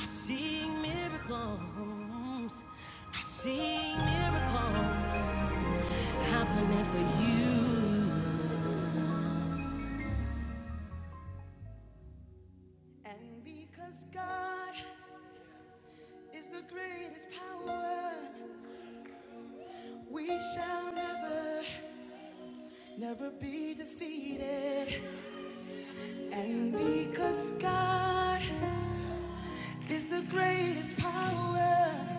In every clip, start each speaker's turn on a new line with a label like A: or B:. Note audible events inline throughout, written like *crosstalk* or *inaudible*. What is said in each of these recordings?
A: I see miracles. I see miracles happening for you. We got her. We shall never, never be defeated. And because God is the greatest power,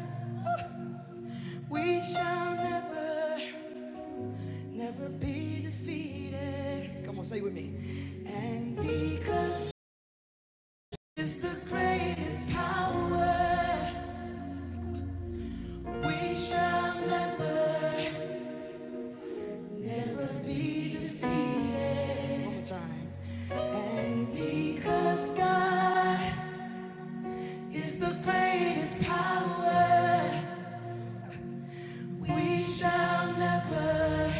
A: we shall never, never be defeated. Come on, say it with me. And because is the greatest power. We shall never, never be defeated. One more time. And because God is the greatest power, we shall never,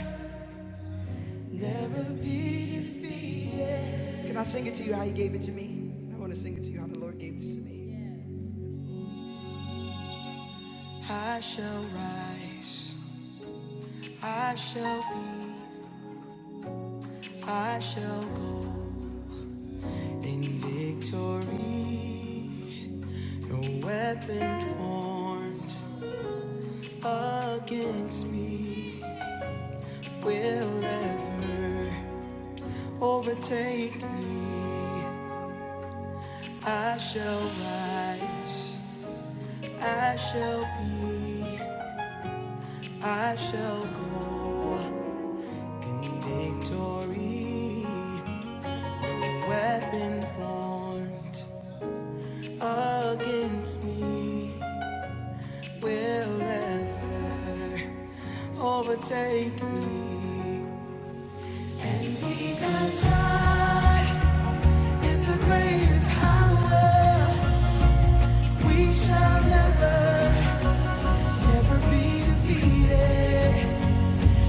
A: never be defeated. Can I sing it to you how He gave it to me? I want to sing it to you how the Lord gave this to me. I shall rise, I shall be, I shall go in victory. No weapon formed against me will ever overtake me. I shall rise, I shall be, I shall go in victory. No weapon formed against me will ever overtake me. Because God is the greatest power, we shall never, never be defeated.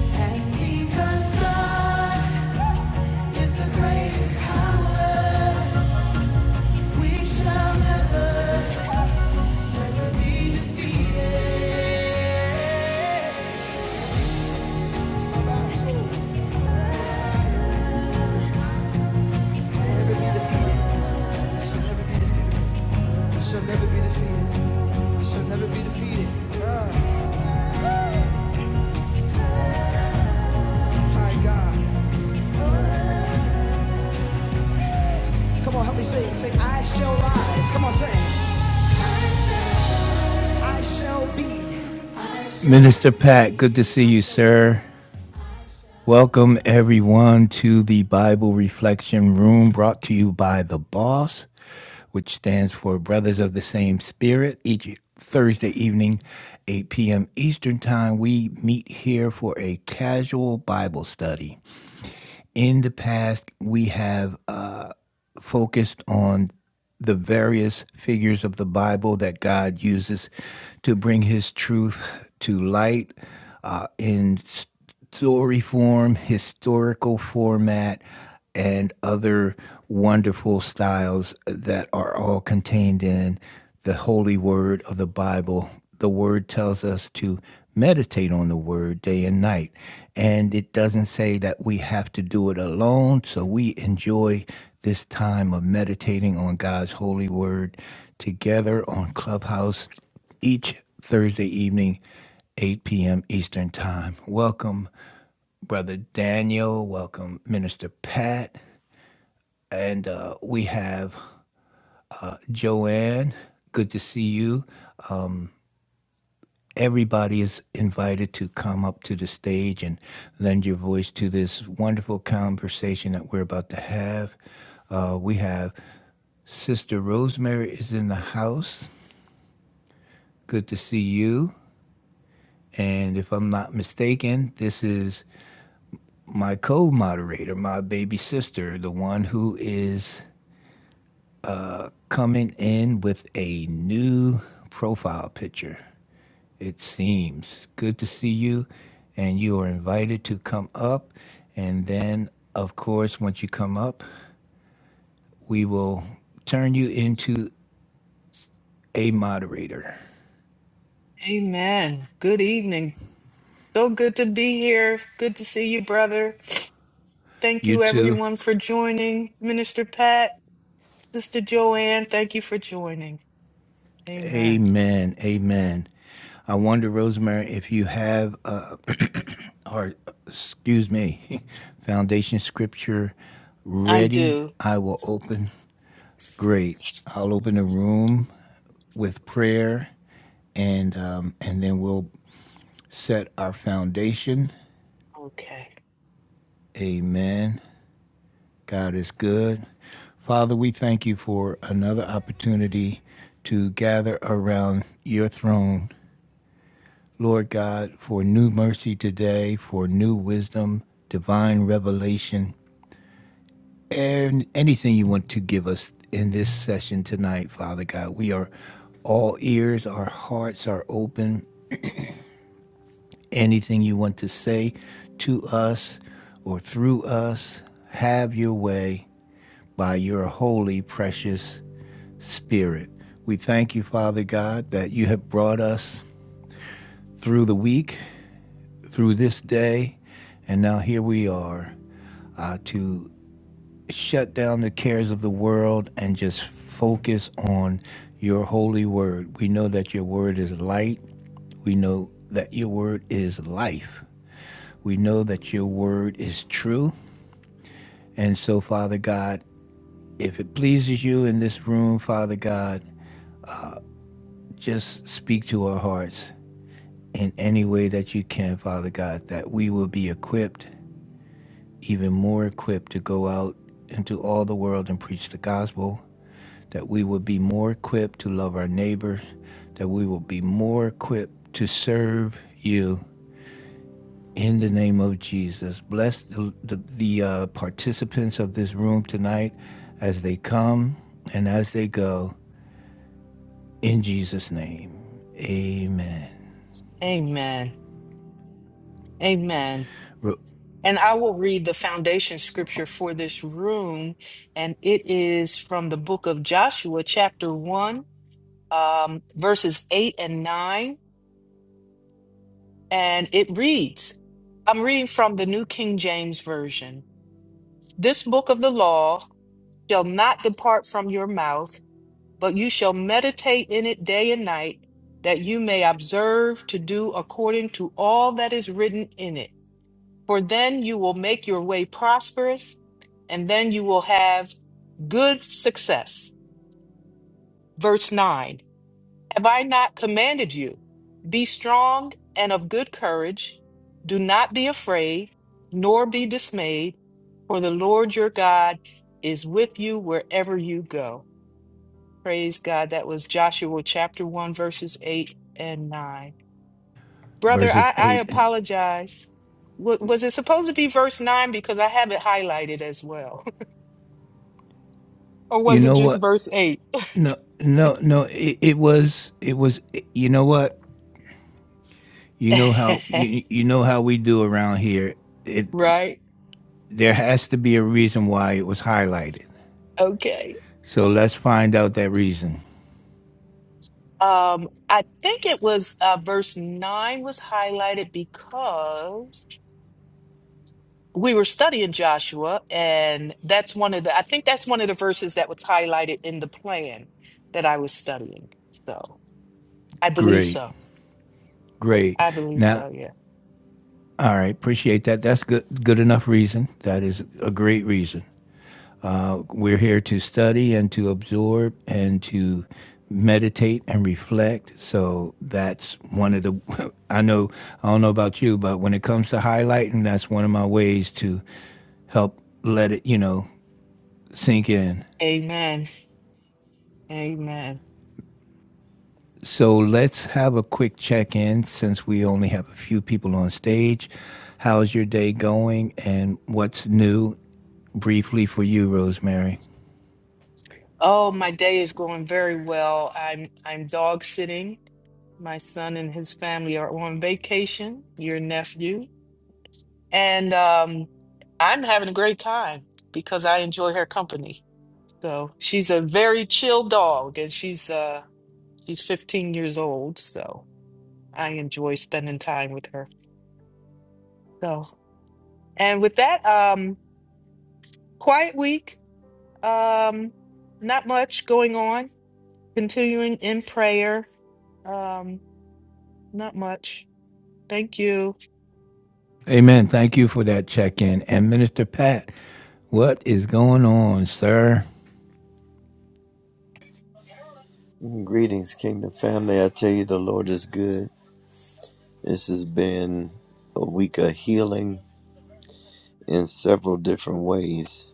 A: And because God is the greatest power, we shall never, never be defeated. Never be defeated. shall never be defeated. shall never be defeated. shall never be defeated. Ah, my God. Come on, help me sing. Sing, I shall rise. Come on, sing. I shall be. Minister Pat, good to see you, sir. Welcome everyone to the Bible Reflection Room brought to you by the Boss, which stands for Brothers of the Same Spirit. Each Thursday evening, 8 p.m. Eastern Time, we meet here for a casual Bible study. In the past, we have uh, focused on the various figures of the Bible that God uses to bring His truth to light uh, in story form, historical format, and other wonderful styles that are all contained in the holy word of the Bible the word tells us to meditate on the word day and night. And it doesn't say that we have to do it alone. So we enjoy this time of meditating on God's holy word together on Clubhouse each Thursday evening, 8 p.m. Eastern Time. Welcome, Brother Daniel. Welcome, Minister Pat. And uh, we have Joanne. Good to see you. everybody is invited to come up to the stage and lend your voice to this wonderful conversation that we're about to have. Uh, we have Sister Rosemary is in the house. Good to see you. And if I'm not mistaken, this is my co moderator, my baby sister, the one who is coming in with a new profile picture. it seems. Good to see you, and you are invited to come up. And then, of course, once you come up, we will turn you into a moderator.
B: Amen. Good evening. So good to be here. Good to see you, brother. Thank
A: You
B: you,
A: too.
B: everyone, for joining. Minister Pat, Sister Joanne, thank you for joining. Amen.
A: Amen. Amen. I wonder, Rosemary, if you have, uh, or excuse me, *laughs* foundation scripture
B: I
A: ready.
B: do.
A: I will open. Great. I'll open the room with prayer, and um, and then we'll set our foundation.
B: Okay.
A: Amen. God is good. Father, we thank you for another opportunity to gather around your throne. Lord God, for new mercy today, for new wisdom, divine revelation, and anything you want to give us in this session tonight, Father God. We are all ears, our hearts are open. Anything you want to say to us or through us, have your way. by your holy, precious Spirit. We thank you, Father God, that you have brought us through the week, through this day, and now here we are uh, to shut down the cares of the world and just focus on your holy word. We know that your word is light, we know that your word is life, we know that your word is true. And so, Father God, if it pleases you in this room, Father God, Just speak to our hearts in any way that you can, Father God, that we will be equipped, even more equipped, to go out into all the world and preach the gospel, that we will be more equipped to love our neighbors, that we will be more equipped to serve you. In the name of Jesus, bless the, the, the uh, participants of this room tonight as they come and as they go. In Jesus' name, amen.
B: Amen. Amen. And I will read the foundation scripture for this room, and it is from the book of Joshua, chapter 1, um, verses 8 and 9. And it reads I'm reading from the New King James Version. This book of the law shall not depart from your mouth, but you shall meditate in it day and night, that you may observe to do according to all that is written in it. For then you will make your way prosperous, and then you will have good success. Verse 9 Have I not commanded you? Be strong and of good courage. Do not be afraid, nor be dismayed, for the Lord your God is with you wherever you go. Praise God. That was Joshua chapter 1, verses 8 and 9. Brother, I,
A: verses
B: I
A: 8. and.
B: apologize. Wa- was it supposed to be verse 9? Because I have it highlighted as well. *laughs* or
A: You
B: was it
A: know
B: just
A: what?
B: verse 8?
A: No, no, no. It, it was, it was. You know what? You know how
B: *laughs*
A: you you know how we do around here. It
B: right?
A: there has to be a reason why it was highlighted.
B: Okay.
A: So let's find out that reason.
B: Um, I think it was uh, verse 9 was highlighted because we were studying Joshua, and that's one of the, I think that's one of the verses that was highlighted in the plan that I was studying. So I believe
A: Great,
B: so.
A: great.
B: I believe
A: Now,
B: so, yeah.
A: all right. Appreciate that. That's good. Good enough reason. That is a great reason. We're here to study and to absorb and to meditate and reflect. So that's one of the, *laughs* I know, I don't know about you, but when it comes to highlighting, that's one of my ways to help let it, you know, sink in.
B: Amen. Amen.
A: So let's have a quick check in since we only have a few people on stage. How's your day going and what's new briefly for you, Rosemary?
B: Oh, my day is going very well. I'm I'm dog sitting. My son and his family are on vacation. Your nephew. And um, I'm having a great time because I enjoy her company. So she's a very chill dog, and she's uh she's 15 years old, so I enjoy spending time with her. So, and with that, um, quiet week. Um, not much going on. Continuing in prayer. Um, not much. Thank you.
A: Amen. Thank you for that check in. And Minister Pat, what is going on, sir?
C: Greetings, Kingdom family. I tell you, the Lord is good. This has been a week of healing in several different ways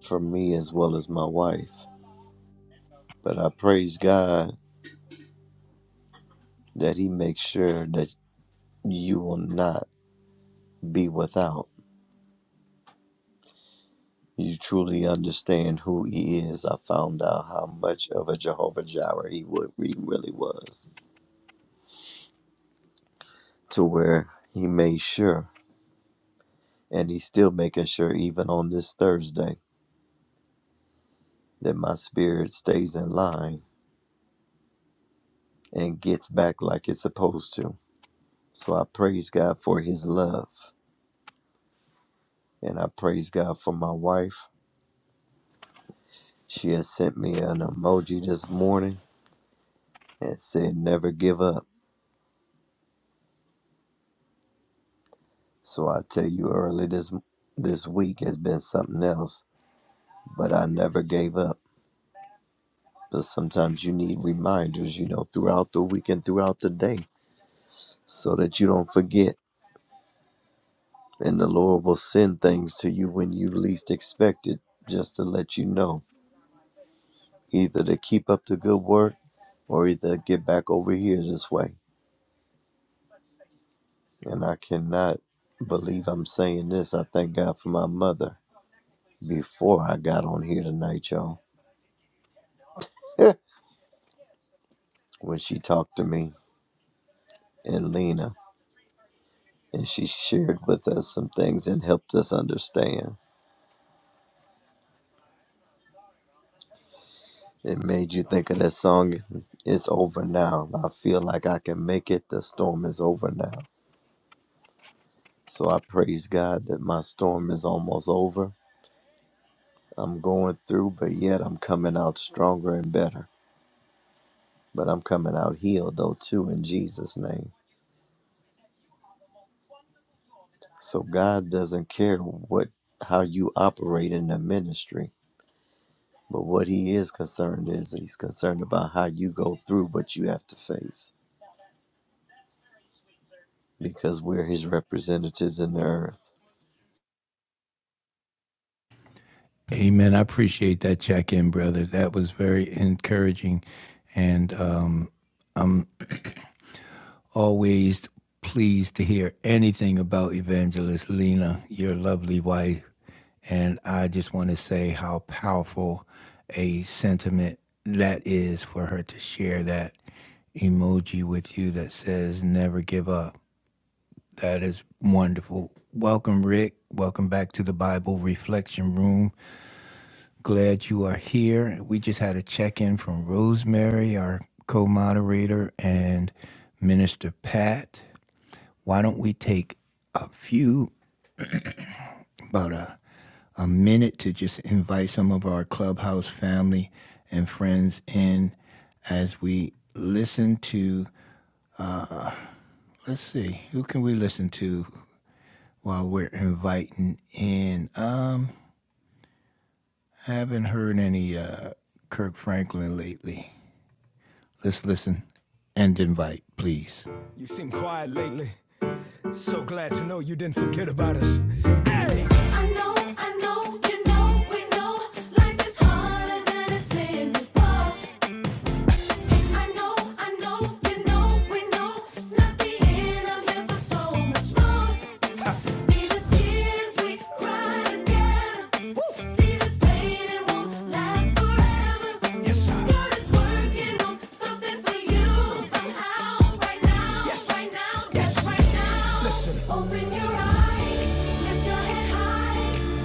C: for me as well as my wife. But I praise God that He makes sure that you will not be without. You truly understand who He is. I found out how much of a Jehovah Jireh He wa- he really was, to where He made sure. And he's still making sure, even on this Thursday. that my spirit stays in line and gets back like it's supposed to. So I praise God for his love and I praise God for my wife. She has sent me an emoji this morning and said never give up. So I tell you early this this week has been something else, but I never gave up. But sometimes you need reminders, you know, throughout the week and throughout the day so that you don't forget. And the Lord will send things to you when you least expect it just to let you know either to keep up the good work or either get back over here this way. And I cannot believe I'm saying this. I thank God for my mother before I got on here tonight, y'all, *laughs* when she talked to me and Lena and she shared with us some things and helped us understand. It made you think of that song, It's Over Now. I feel like I can make it. The storm is over now. So I praise God that my storm is almost over I'm going through, but yet I'm coming out stronger and better. But I'm coming out healed though too in Jesus' name. So God doesn't care what how you operate in the ministry, but what He is concerned is He's concerned about how you go through what you have to face because we're His representatives in the earth.
A: Amen. I appreciate that check in, brother. That was very encouraging. And um, I'm always pleased to hear anything about Evangelist Lena, your lovely wife. And I just want to say how powerful a sentiment that is for her to share that emoji with you that says never give up That is wonderful. Welcome, Rick. Welcome back to the Bible Reflection Room. Glad you are here. We just had a check in from Rosemary, our co moderator, and Minister Pat. Why don't we take a few, about a, a minute, to just invite some of our clubhouse family and friends in as we listen to, let's see, who can we listen to while we're inviting in? Uh, I haven't heard any uh, Kirk Franklin lately. Let's listen and invite, please. You seem quiet lately. So glad to know you didn't forget about us. Hey! I know, I know, you know, we know life is harder than it's been before.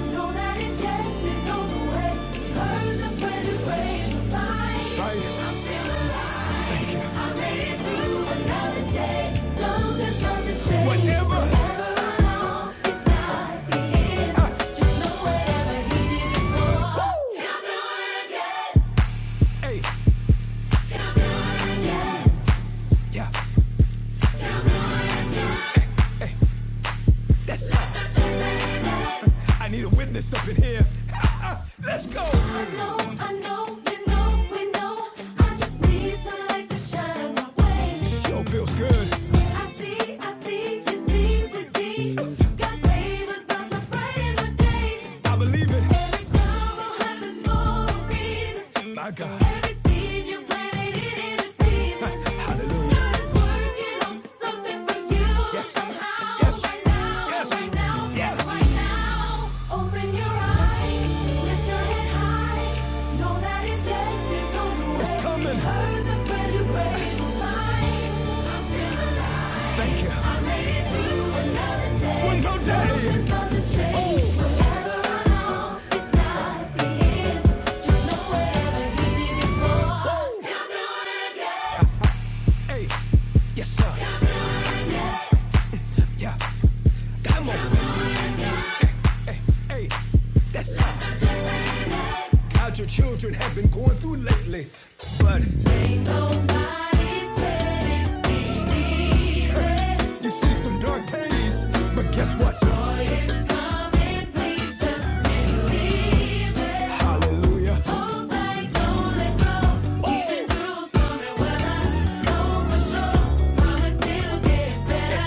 A: Know that it just is on the way. Heard the friend who raised the fight. So no Whatever. Whatever I Uh. I need a witness up in here. I know, I know, you know, we know. I just need some light to shine my way. I believe it. Every sorrow happens for a reason. My God. Every seed you planted, it is a season. *laughs* Hallelujah. God is working on something for you. Yes. Somehow. Yes. Right now. Yes. Right now. Yes. Right now. Open your eyes. Lift your head high. Know that it's yes. It's on the way. It's coming. Heard the prayer you prayed for mine. I'm still alive. Thank you. I made it through another day. One more day. Something's about to change. Oh. Whatever I know, it's not the end. Hey, yes yeah. hey. how your children have been going through lately. But you see some dark days. But guess what? Hallelujah.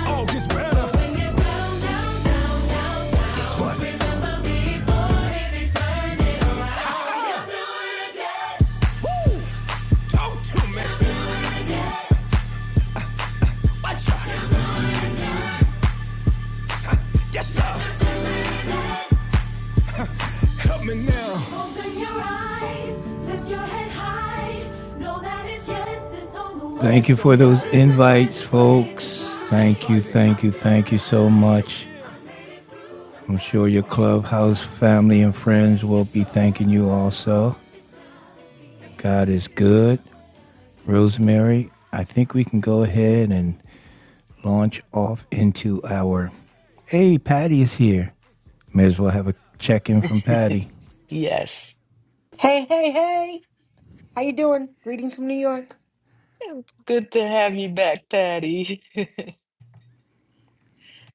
A: All gets better. Guess what? Ah, ah. Woo! Talk to me. Watch out. Help me now. Open your eyes, lift your head high. Know that it's yes, it's on the way. Thank you for those invites, folks. Thank you, thank you, thank you so much. I'm sure your clubhouse family and friends will be thanking you also. God is good. Rosemary, I think we can go ahead and launch off into our. Hey, Patty is here. May as well have a check in from
B: *laughs*
A: Patty.
B: Yes.
D: Hey, hey, hey! How you doing? Greetings from New York.
B: Good to have you back, Patty. *laughs*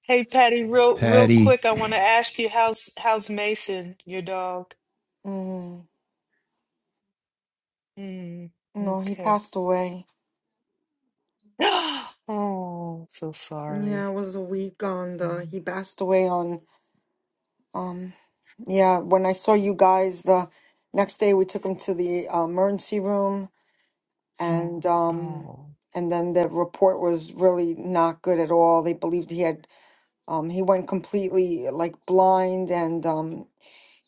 B: Hey Patty, real real
A: Patty,
B: quick, I want to ask you how's how's Mason, your dog?
D: Mm,
B: Mm,
D: no, he
B: okay.
D: passed away.
B: *gasps* Oh, so
D: Yeah, it
B: sorry.
D: was a week on the.
B: Mm,
D: He passed away on. Um, yeah, when I saw you guys the next day, we took him to the uh, emergency room, and um,
B: Oh,
D: and then the report was really not good at all. They believed he had. Um, he went completely like blind, and um,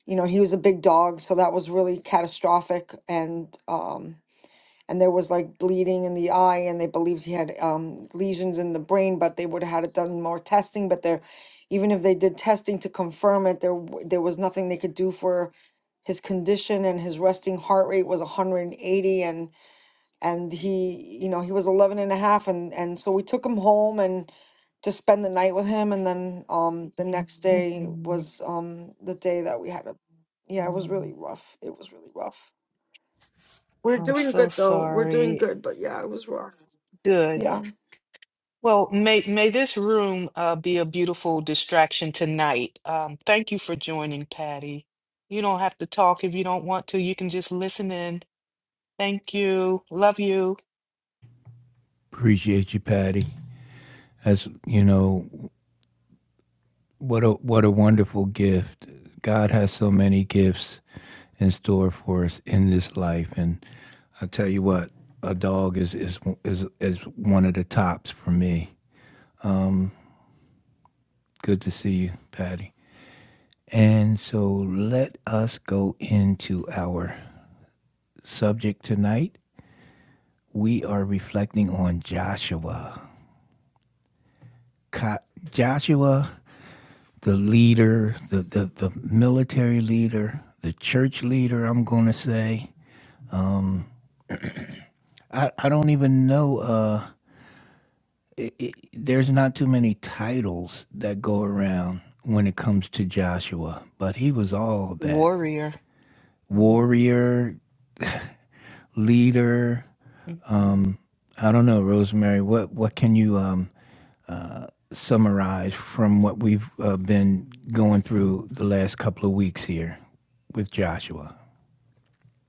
D: you know, he was a big dog, so that was really catastrophic, and um. and there was like bleeding in the eye and they believed he had um, lesions in the brain but they would have had done more testing but there even if they did testing to confirm it there w- there was nothing they could do for his condition and his resting heart rate was 180 and and he you know he was 11 and a half, and and and so we took him home and just spend the night with him and then um the next day
B: mm-mm,
D: was um the day that we had a yeah it was really
B: no.
D: rough it was really rough we're
B: I'm
D: doing
B: so
D: good though. We're doing
B: sorry.
D: good, but yeah, it was rough.
B: Good.
D: Yeah.
B: Well, may may this room uh, be a beautiful distraction tonight. Um, thank you for joining, Patty. You don't have to talk if you don't want to. You can just listen in. Thank you. Love you,
A: appreciate you, Patty. as you know what a what a wonderful gift god has so many gifts in store for us in this life and i tell you what a dog is is is, is one of the tops for me good to see you patty and so let us go into our subject tonight we are reflecting on joshua Co- joshua the leader, the, the, the military leader, the church leader, I'm going to say. I, I don't even know. Uh, there's not too many titles that go around when it comes to Joshua, but he was all that
B: warrior. Mm,
A: warrior, leader.
B: mhm.
A: I don't know, Rosemary. What what can you um, summarize from what we've uh, been going through the last couple of weeks here with Joshua?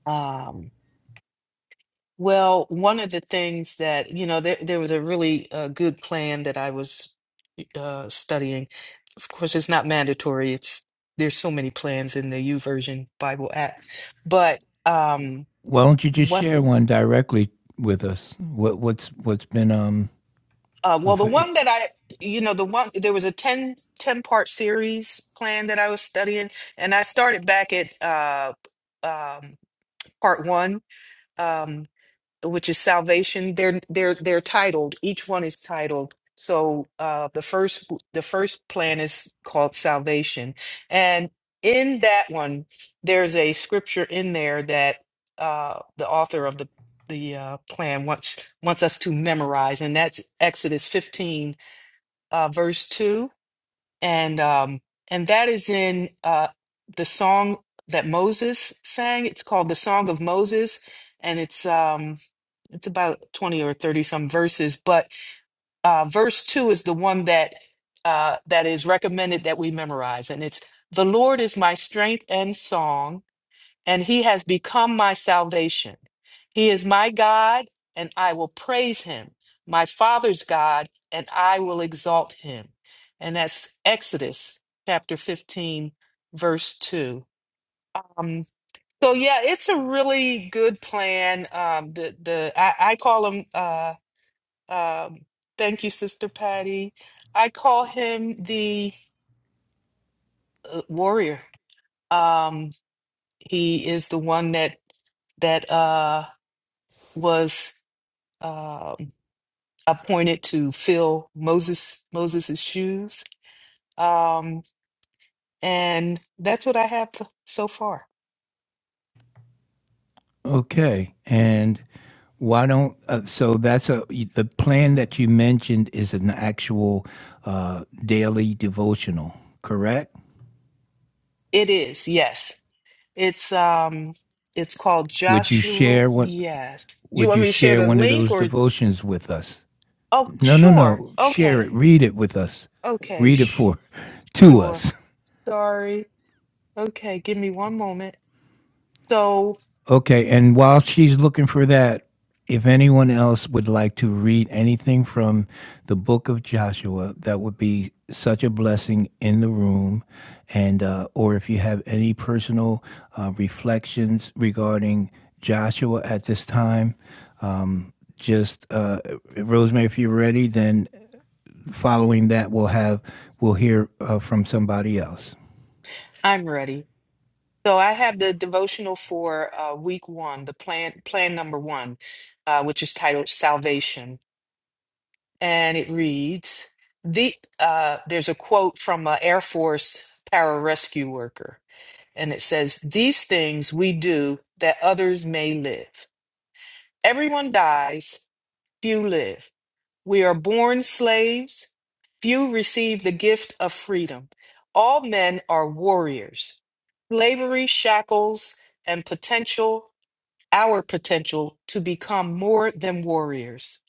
B: Um, well, one of the things that, you know, there, there was a really uh, good plan that I was uh, studying. Of course, it's not mandatory. It's there's so many plans in the U Version Bible app. But um,
A: Why don't you just
B: what
A: share one directly with us? What what's what's been um
B: uh, well, the
A: of
B: one that I, you know, the one there was a 10 10 part series plan that I was studying, and I started back at uh, um, part one. Um, which is salvation they're they're they're titled each one is titled so uh the first the first plan is called salvation and in that one there's a scripture in there that uh the author of the the uh, plan wants wants us to memorize and that's Exodus 15 uh verse 2 and um and that is in uh the song that Moses sang it's called the song of Moses and it's um it's about 20 or 30 some verses but uh, verse 2 is the one that uh, that is recommended that we memorize and it's the lord is my strength and song and he has become my salvation he is my god and i will praise him my father's god and i will exalt him and that's exodus chapter 15 verse 2 um, so yeah it's a really good plan um, the, the I, I call them. Uh, um, thank you, Sister Patty. I call him the uh, warrior. Um, he is the one that that uh, was um appointed to fill Moses Moses's shoes, um, and that's what I have so far.
A: okay and why don't uh, so that's a the plan that you mentioned is an actual uh, daily devotional, correct?
B: It is yes. It's um, it's called
A: Would you
B: Joshua.
A: share what
B: Yes. Do you
A: would
B: want
A: you
B: me to share
A: share
B: the
A: one of
B: link
A: those
B: or?
A: devotions with us?
B: Oh,
A: No, no,
B: sure.
A: no. Share
B: Okay.
A: it. Read it with us.
B: Okay.
A: Read it
B: Sh-
A: for to
B: Sure.
A: us. *laughs*
B: Sorry. Okay, give me one moment. So
A: Okay, and while she's looking for that, if anyone else would like to read anything from the book of Joshua, that would be such a blessing in the room. And, uh, or if you have any personal uh, reflections regarding Joshua at this time, um, just uh, Rosemary, if you're ready, then following that, we'll have, we'll hear uh, from somebody else.
B: I'm ready. So I have the devotional for uh, week one, the plan plan number one, uh, which is titled Salvation, and it reads: the uh, There's a quote from an Air Force pararescue worker, and it says, "These things we do that others may live. Everyone dies, few live. We are born slaves. Few receive the gift of freedom. All men are warriors. Slavery shackles and potential, our potential to become more than warriors.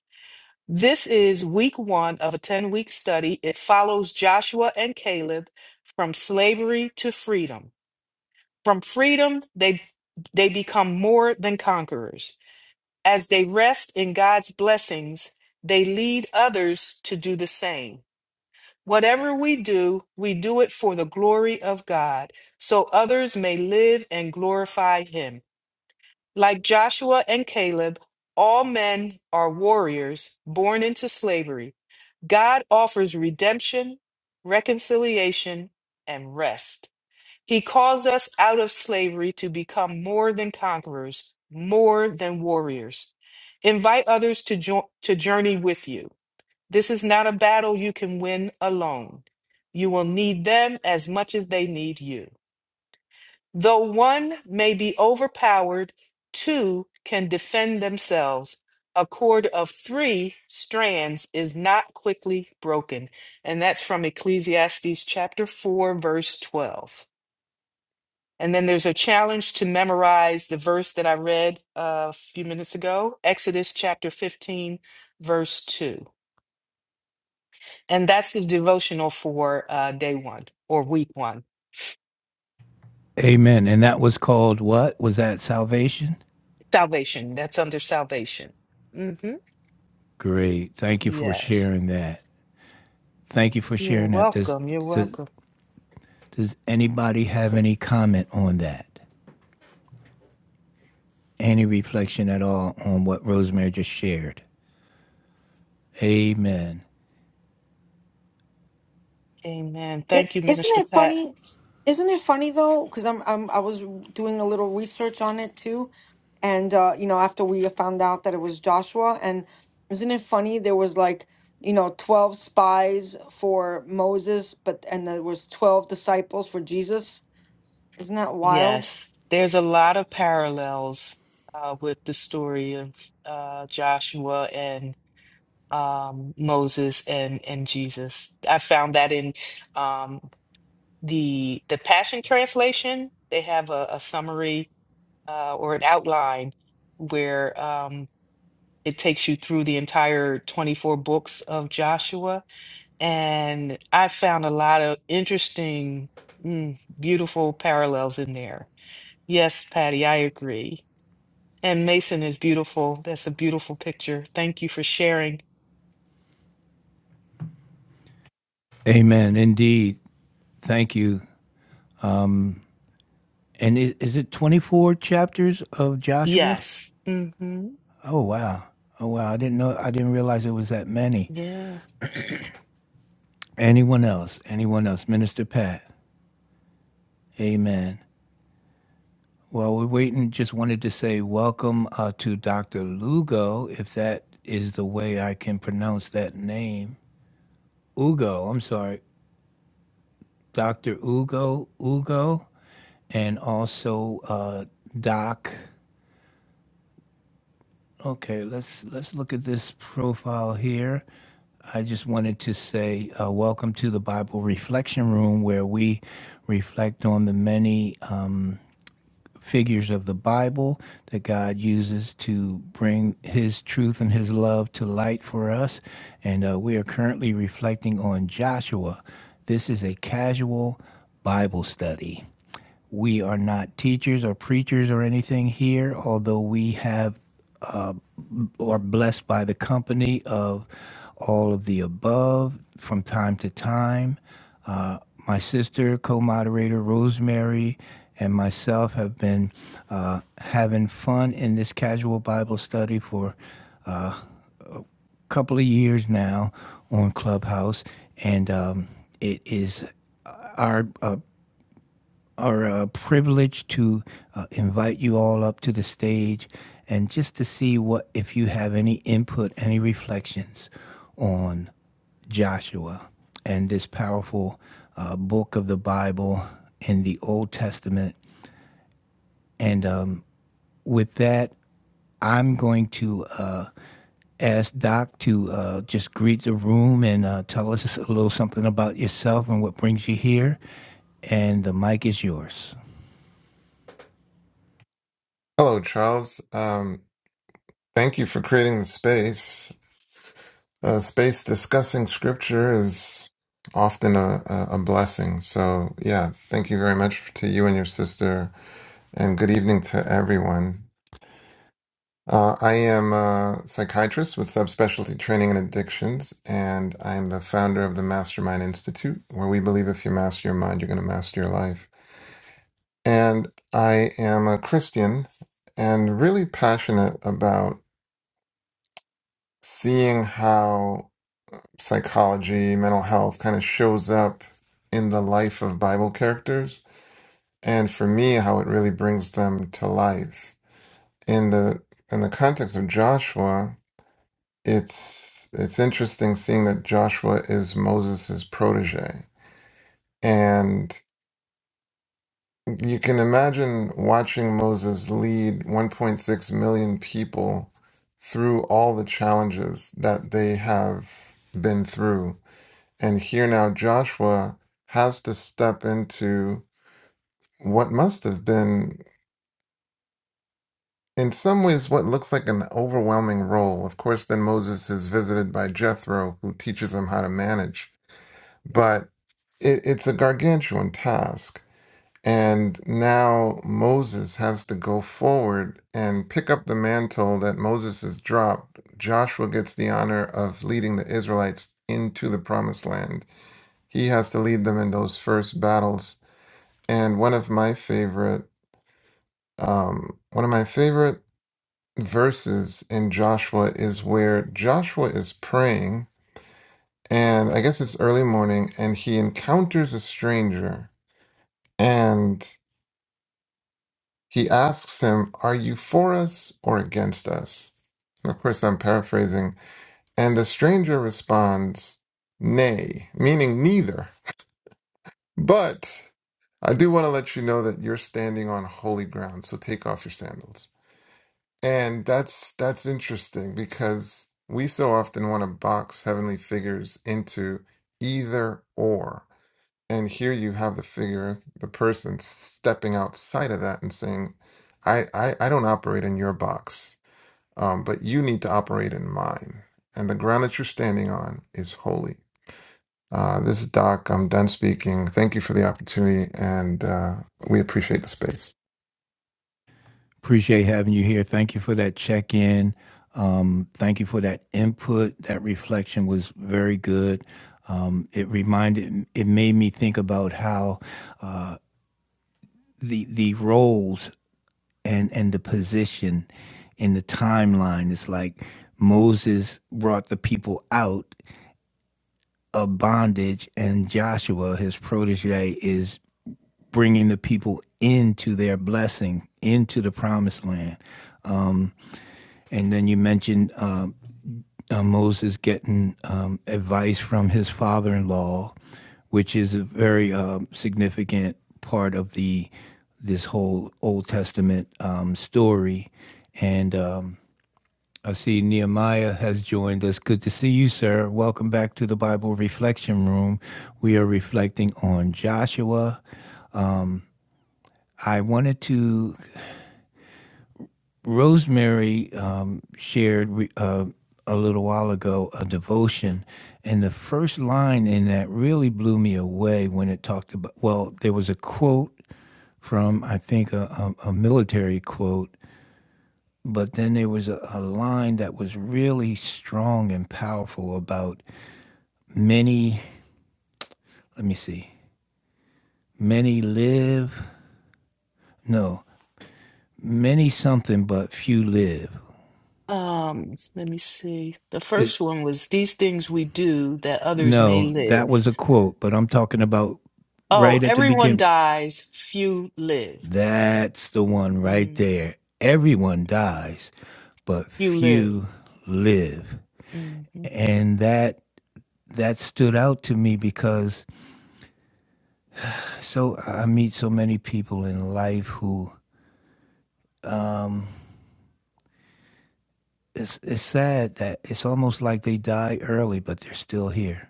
B: This is week one of a 10 week study. It follows Joshua and Caleb from slavery to freedom. From freedom, they, they become more than conquerors. As they rest in God's blessings, they lead others to do the same. Whatever we do, we do it for the glory of God, so others may live and glorify Him. Like Joshua and Caleb, all men are warriors born into slavery. God offers redemption, reconciliation, and rest. He calls us out of slavery to become more than conquerors, more than warriors. Invite others to, jo- to journey with you. This is not a battle you can win alone. You will need them as much as they need you. Though one may be overpowered, two can defend themselves. A cord of three strands is not quickly broken. And that's from Ecclesiastes chapter 4, verse 12. And then there's a challenge to memorize the verse that I read uh, a few minutes ago, Exodus chapter 15, verse 2. And that's the devotional for uh, day one or week one.
A: Amen. And that was called what? Was that salvation?
B: Salvation, that's under salvation. hmm
A: Great. Thank you for
B: Yes.
A: sharing that. Thank you for
B: You're
A: sharing that. Does,
B: welcome. You're
A: does,
B: welcome.
A: does anybody have any comment on that? Any reflection at all on what Rosemary just shared? Amen.
B: Amen.
D: It
B: Thank you,
D: isn't
B: Minister
D: it
B: Pat.
D: funny? Isn't it funny though? Because I'm, I'm I was doing a little research on it too, and uh, you know after we found out that it was Joshua, and isn't it funny? There was like you know twelve spies for Moses, but and there was twelve disciples for Jesus. Isn't that wild?
B: Yes, there's a lot of parallels uh, with the story of uh, Joshua and um, Moses and and Jesus. I found that in um, the the Passion Translation, they have a, a summary uh, or an outline where um, it takes you through the entire 24 books of Joshua. And I found a lot of interesting, mm, beautiful parallels in there. Yes, Patty, I agree. And Mason is beautiful. That's a beautiful picture. Thank you for sharing.
A: Amen. Indeed. Thank you. And is, is it 24 chapters of Joshua?
B: Yes. hmm
A: Oh, wow. Oh, wow. I didn't know, I didn't realize it was that many.
B: Yeah.
A: Anyone else? Anyone else? Minister Pat. Amen. While we're waiting, just wanted to say welcome uh, to Dr. Lugo, if that is the way I can pronounce that name. Ugo, I'm sorry. Dr. Ugo, Ugo, and also uh, Doc. Okay, let's let's look at this profile here. I just wanted to say uh, welcome to the Bible Reflection Room, where we reflect on the many. um, figures of the Bible that God uses to bring His truth and His love to light for us. And uh, we are currently reflecting on Joshua. This is a casual Bible study. We are not teachers or preachers or anything here, although we have or blessed by the company of all of the above from time to time. Uh, my sister, co moderator Rosemary, and myself have been uh, having fun in this casual Bible study for a couple of years now on Clubhouse. And um, it is our uh, are uh, privileged to uh, invite you all up to the stage and just to see what if you have any input, any reflections on Joshua and this powerful uh, book of the Bible in the Old Testament. And um, with that, I'm going to uh, ask Doc to uh, just greet the room and uh, tell us a little something about yourself and what brings you here. And the mic is yours.
E: Hello, Charles. Um, thank you for creating the space. Uh, space discussing scripture is often a, a, a blessing. So, yeah, thank you very much to you and your sister, and good evening to everyone. Uh, I am a psychiatrist with subspecialty training in addictions, and I am the founder of the Mastermind Institute, where we believe if you master your mind, you're going to master your life. And I am a Christian and really passionate about seeing how psychology, mental health kind of shows up in the life of Bible characters, and for me, how it really brings them to life. In the in the context of Joshua, it's it's interesting seeing that Joshua is Moses' protege. And you can imagine watching Moses lead 1.6 million people through all the challenges that they have been through And here now Joshua has to step into what must have been, in some ways, what looks like an overwhelming role. Of course, then Moses is visited by Jethro, who teaches him how to manage, but it, it's a gargantuan task. And now Moses has to go forward and pick up the mantle that Moses has dropped. Joshua gets the honor of leading the Israelites into the promised land. He has to lead them in those first battles And one of my favorite, um, one of my favorite verses in Joshua is where Joshua is praying, and I guess it's early morning, and he encounters a stranger, and he asks him, "Are you for us or against us?" And of course, I'm paraphrasing, and the stranger responds, "Nay," meaning neither, but. I do want to let you know that you're standing on holy ground, so take off your sandals. And that's that's interesting because we so often want to box heavenly figures into either or. And here you have the figure, the person stepping outside of that and saying, I, I, I don't operate in your box, um, but you need to operate in mine. And the ground that you're standing on is holy. Uh, this is Doc. I'm done speaking. Thank you for the opportunity, and uh, we appreciate the space.
A: Appreciate having you here. Thank you for that check in. Um, thank you for that input. That reflection was very good. Um, it reminded, it made me think about how uh, the the roles and and the position in the timeline is like Moses brought the people out of bondage, and Joshua, his protege, is bringing the people into their blessing, into the promised land. And then you mentioned um, uh, Moses getting um, advice from his father in law, which is a very um, significant part of the this whole Old Testament um, story. And um, I see Nehemiah has joined us. Good to see you, sir. Welcome back to the Bible Reflection Room. We are reflecting on Joshua. I wanted to Rosemary um, shared re- uh, a little while ago a devotion, and the first line in that really blew me away when it talked about. Well, there was a quote from I think a, a, a military quote, but then there was a, a line that was really strong and powerful about many. Let me see. Many live. No, many something, but few live
B: Um, let me see. The
A: It's
B: first one was these things we do that others may
A: No, that
B: live.
A: was a quote, but I'm talking about
B: Oh,
A: right at the
B: everyone
A: beginning.
B: dies, few live.
A: That's the one right
B: Mm,
A: there. Everyone dies, but
B: few live.
A: few live.
B: hmm
A: And that that stood out to me because so I meet so many people in life who it's it's sad that it's almost like they die early, but they're still here.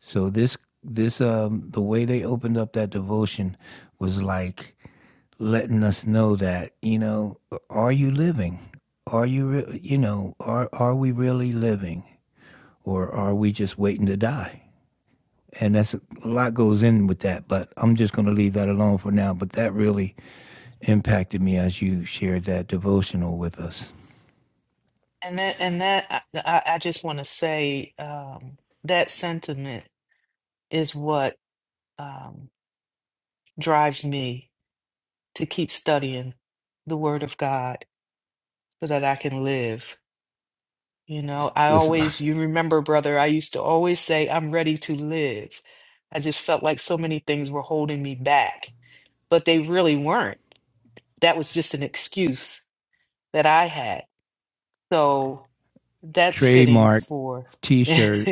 A: So this this um the way they opened up that devotion was like letting us know that you know are you living are you re- you know are are we really living or are we just waiting to die and that's a lot goes in with that but i'm just going to leave that alone for now but that really impacted me as you shared that devotional with us
B: And that and that I, I I just want to say um, that sentiment is what um, drives me to keep studying the Word of God so that I can live. You know, I
A: this
B: always, you remember, brother, I used to always say, I'm ready to live. I just felt like so many things were holding me back, but they really weren't. That was just an excuse that I had. So
A: *laughs*
B: that's fitting
A: trademark
B: for, *laughs* yeah,
A: t-shirt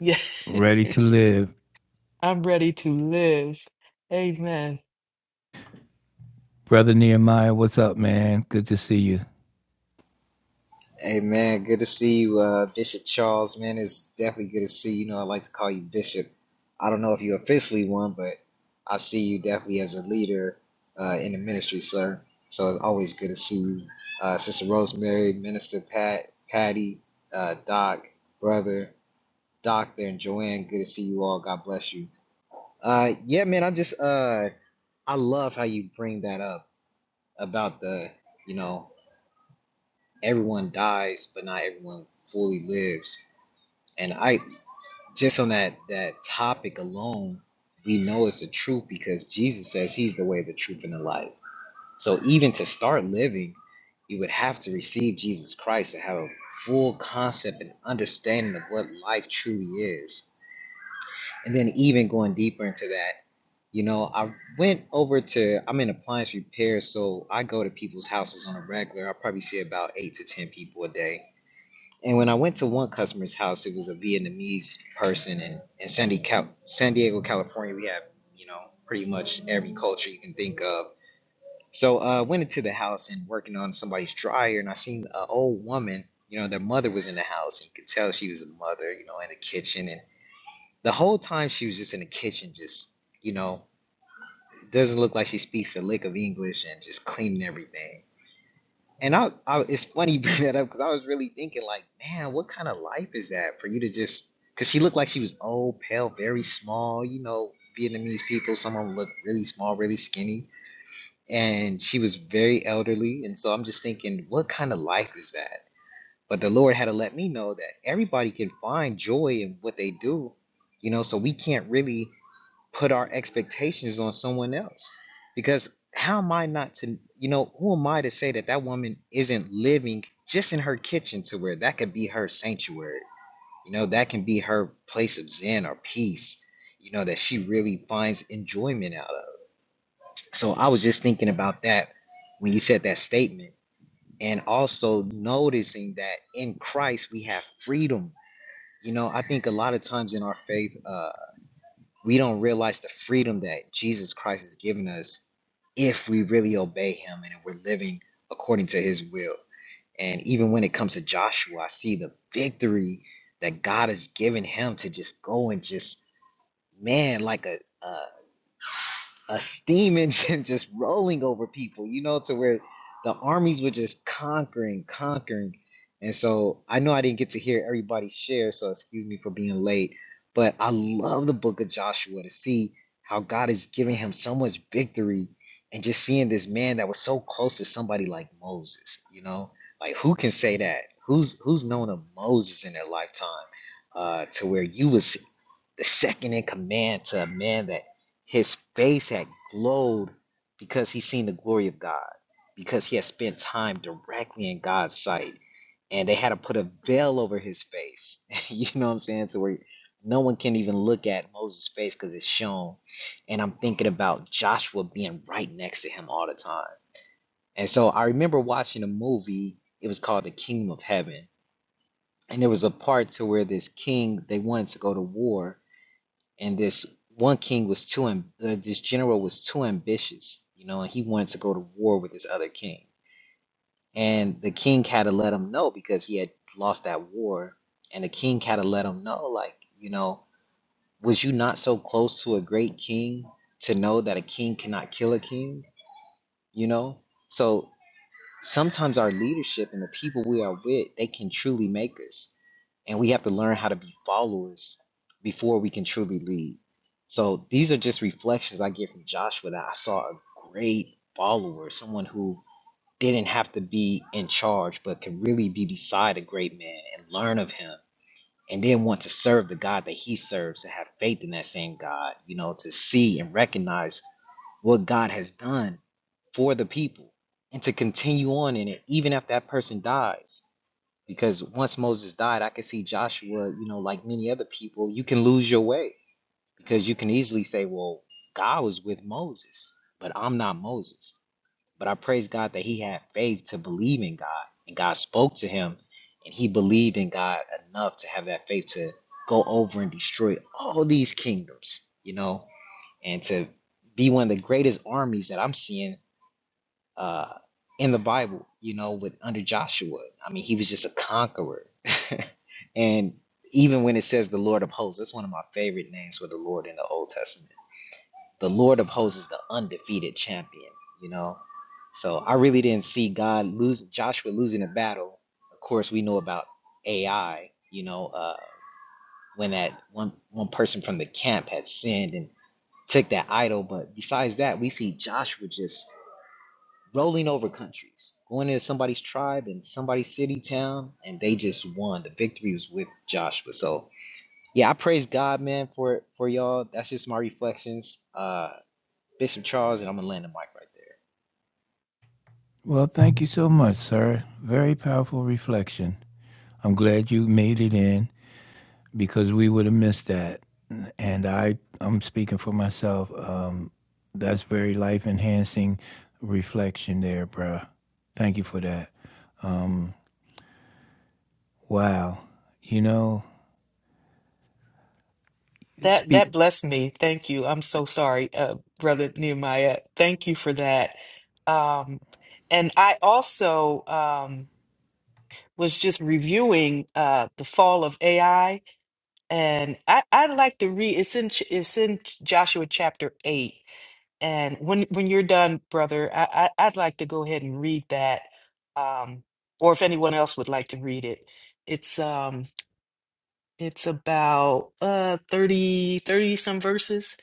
B: *laughs*
A: ready to live
B: I'm ready to live. Amen.
A: brother nehemiah what's up man good to see you
F: Hey man, good to see you, uh, Bishop Charles. Man, it's definitely good to see you. You know, I like to call you Bishop. I don't know if you're officially one, but I see you definitely as a leader uh, in the ministry, sir. So it's always good to see you, uh, Sister Rosemary, Minister Pat, Patty, uh, Doc, brother, Doctor, and Joanne. Good to see you all. God bless you. Uh, yeah, man, I just uh, I love how you bring that up about the you know everyone dies, but not everyone fully lives And I just on that that topic alone, we know it's the truth because Jesus says he's the way, the truth, and the life. So even to start living, you would have to receive Jesus Christ to have a full concept and understanding of what life truly is. And then even going deeper into that, you know, I went over to I'm in appliance repair, so I go to people's houses on a regular. I probably see about eight to ten people a day and when I went to one customer's house, it was a Vietnamese person, and in San Diego, Cal- San Diego, California, we have you know pretty much every culture you can think of. So uh, I uh, went into the house and working on somebody's dryer, and I seen an old woman. You know, their mother was in the house, and you could tell she was a mother. You know, in the kitchen, and the whole time she was just in the kitchen, just you know, doesn't look like she speaks a lick of English, and just cleaning everything. And I, I it's funny you bring that up because I was really thinking like, man, what kind of life is that for you to just? Because she looked like she was old, pale, very small. You know, Vietnamese people, some of them look really small, really skinny, and she was very elderly. And so I'm just thinking, what kind of life is that? But the Lord had to let me know that everybody can find joy in what they do. You know, so we can't really put our expectations on someone else because how am i not to you know who am i to say that that woman isn't living just in her kitchen to where that could be her sanctuary you know that can be her place of zen or peace you know that she really finds enjoyment out of so i was just thinking about that when you said that statement and also noticing that in christ we have freedom you know i think a lot of times in our faith uh, we don't realize the freedom that Jesus Christ has given us if we really obey him and if we're living according to his will. And even when it comes to Joshua, I see the victory that God has given him to just go and just man like a, a a steam engine *laughs* just rolling over people, you know, to where the armies were just conquering, conquering. And so I know I didn't get to hear everybody share, so excuse me for being late. But I love the book of Joshua to see how God is giving him so much victory and just seeing this man that was so close to somebody like Moses, you know? Like who can say that? Who's who's known a Moses in their lifetime? Uh, to where you was the second in command to a man that his face had glowed because he seen the glory of God, because he had spent time directly in God's sight. And they had to put a veil over his face. *laughs* you know what I'm saying? To where no one can even look at Moses' face because it's shown. And I'm thinking about Joshua being right next to him all the time. And so I remember watching a movie, it was called The Kingdom of Heaven. And there was a part to where this king, they wanted to go to war and this one king was too am- uh, this general was too ambitious you know and he wanted to go to war with this other king and the king had to let him know because he had lost that war and the king had to let him know like you know was you not so close to a great king to know that a king cannot kill a king you know so sometimes our leadership and the people we are with they can truly make us and we have to learn how to be followers before we can truly lead so these are just reflections i get from joshua that i saw a great follower someone who didn't have to be in charge but could really be beside a great man and learn of him and then want to serve the god that he serves to have faith in that same god you know to see and recognize what God has done for the people and to continue on in it even after that person dies because once Moses died I could see Joshua you know like many other people you can lose your way because you can easily say well God was with Moses but I'm not Moses but I praise God that he had faith to believe in God and God spoke to him and he believed in God enough to have that faith to go over and destroy all these kingdoms you know and to be one of the greatest armies that I'm seeing uh, in the Bible, you know, with under Joshua. I mean, he was just a conqueror. *laughs* and even when it says the Lord of hosts, that's one of my favorite names for the Lord in the Old Testament. The Lord of hosts is the undefeated champion, you know. So I really didn't see God lose Joshua losing a battle. Of course, we know about AI, you know, uh, when that one one person from the camp had sinned and took that idol. But besides that, we see Joshua just rolling over countries, going into somebody's tribe and somebody's city, town, and they just won. The victory was with Joshua. So yeah, I praise God, man, for for y'all. That's just my reflections. Uh Bishop Charles, and I'm gonna land the mic right
A: Well, thank you so much, sir. Very powerful reflection. I'm glad you made it in because we would have missed that. And I, I'm speaking for myself. Um, that's very life enhancing reflection there, bruh. Thank you for that. Um, wow. You know,
B: That that
A: speak.
B: blessed me. Thank you. I'm so sorry, uh, brother Nehemiah. Thank you for that. Um, and I also, um, was just reviewing uh, the fall of AI, and I, I'd like to read. It's in Ch- it's in Ch- Joshua chapter eight, and when when you're done, brother, I, I I'd like to go ahead and read that, um, or if anyone else would like to read it, it's um it's about uh 30 30 some verses.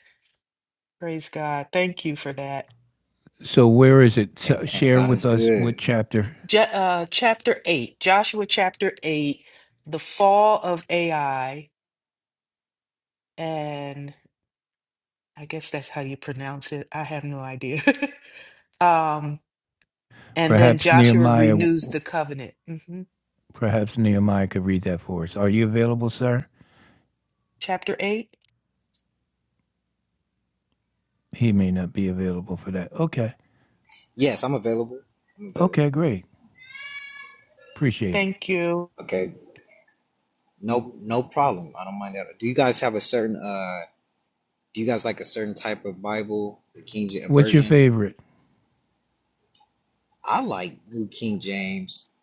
B: Praise God. Thank you for that.
A: So where is it? So
F: there. Amen.
A: share
F: God
A: with
F: is
A: us what
F: good.
A: chapter.
B: Ja uh, chapter eight, Joshua chapter eight, the fall of AI, and I guess that's how you pronounce it. I have no idea. *laughs* um, and then
A: Perhaps
B: Joshua
A: Nehemiah.
B: renews the covenant. hmm
A: Perhaps Nehemiah could read that for us. Are you available, sir?
B: Chapter 8.
A: He may not be available for that. Okay.
F: Yes, I'm available. I'm available.
A: Okay, great. Appreciate it.
B: Thank you.
F: Okay. No no problem. I don't mind that. Do you guys have a certain uh do you guys like a certain type of Bible, the King James
A: What's your
F: version?
A: favorite?
F: I like New King James.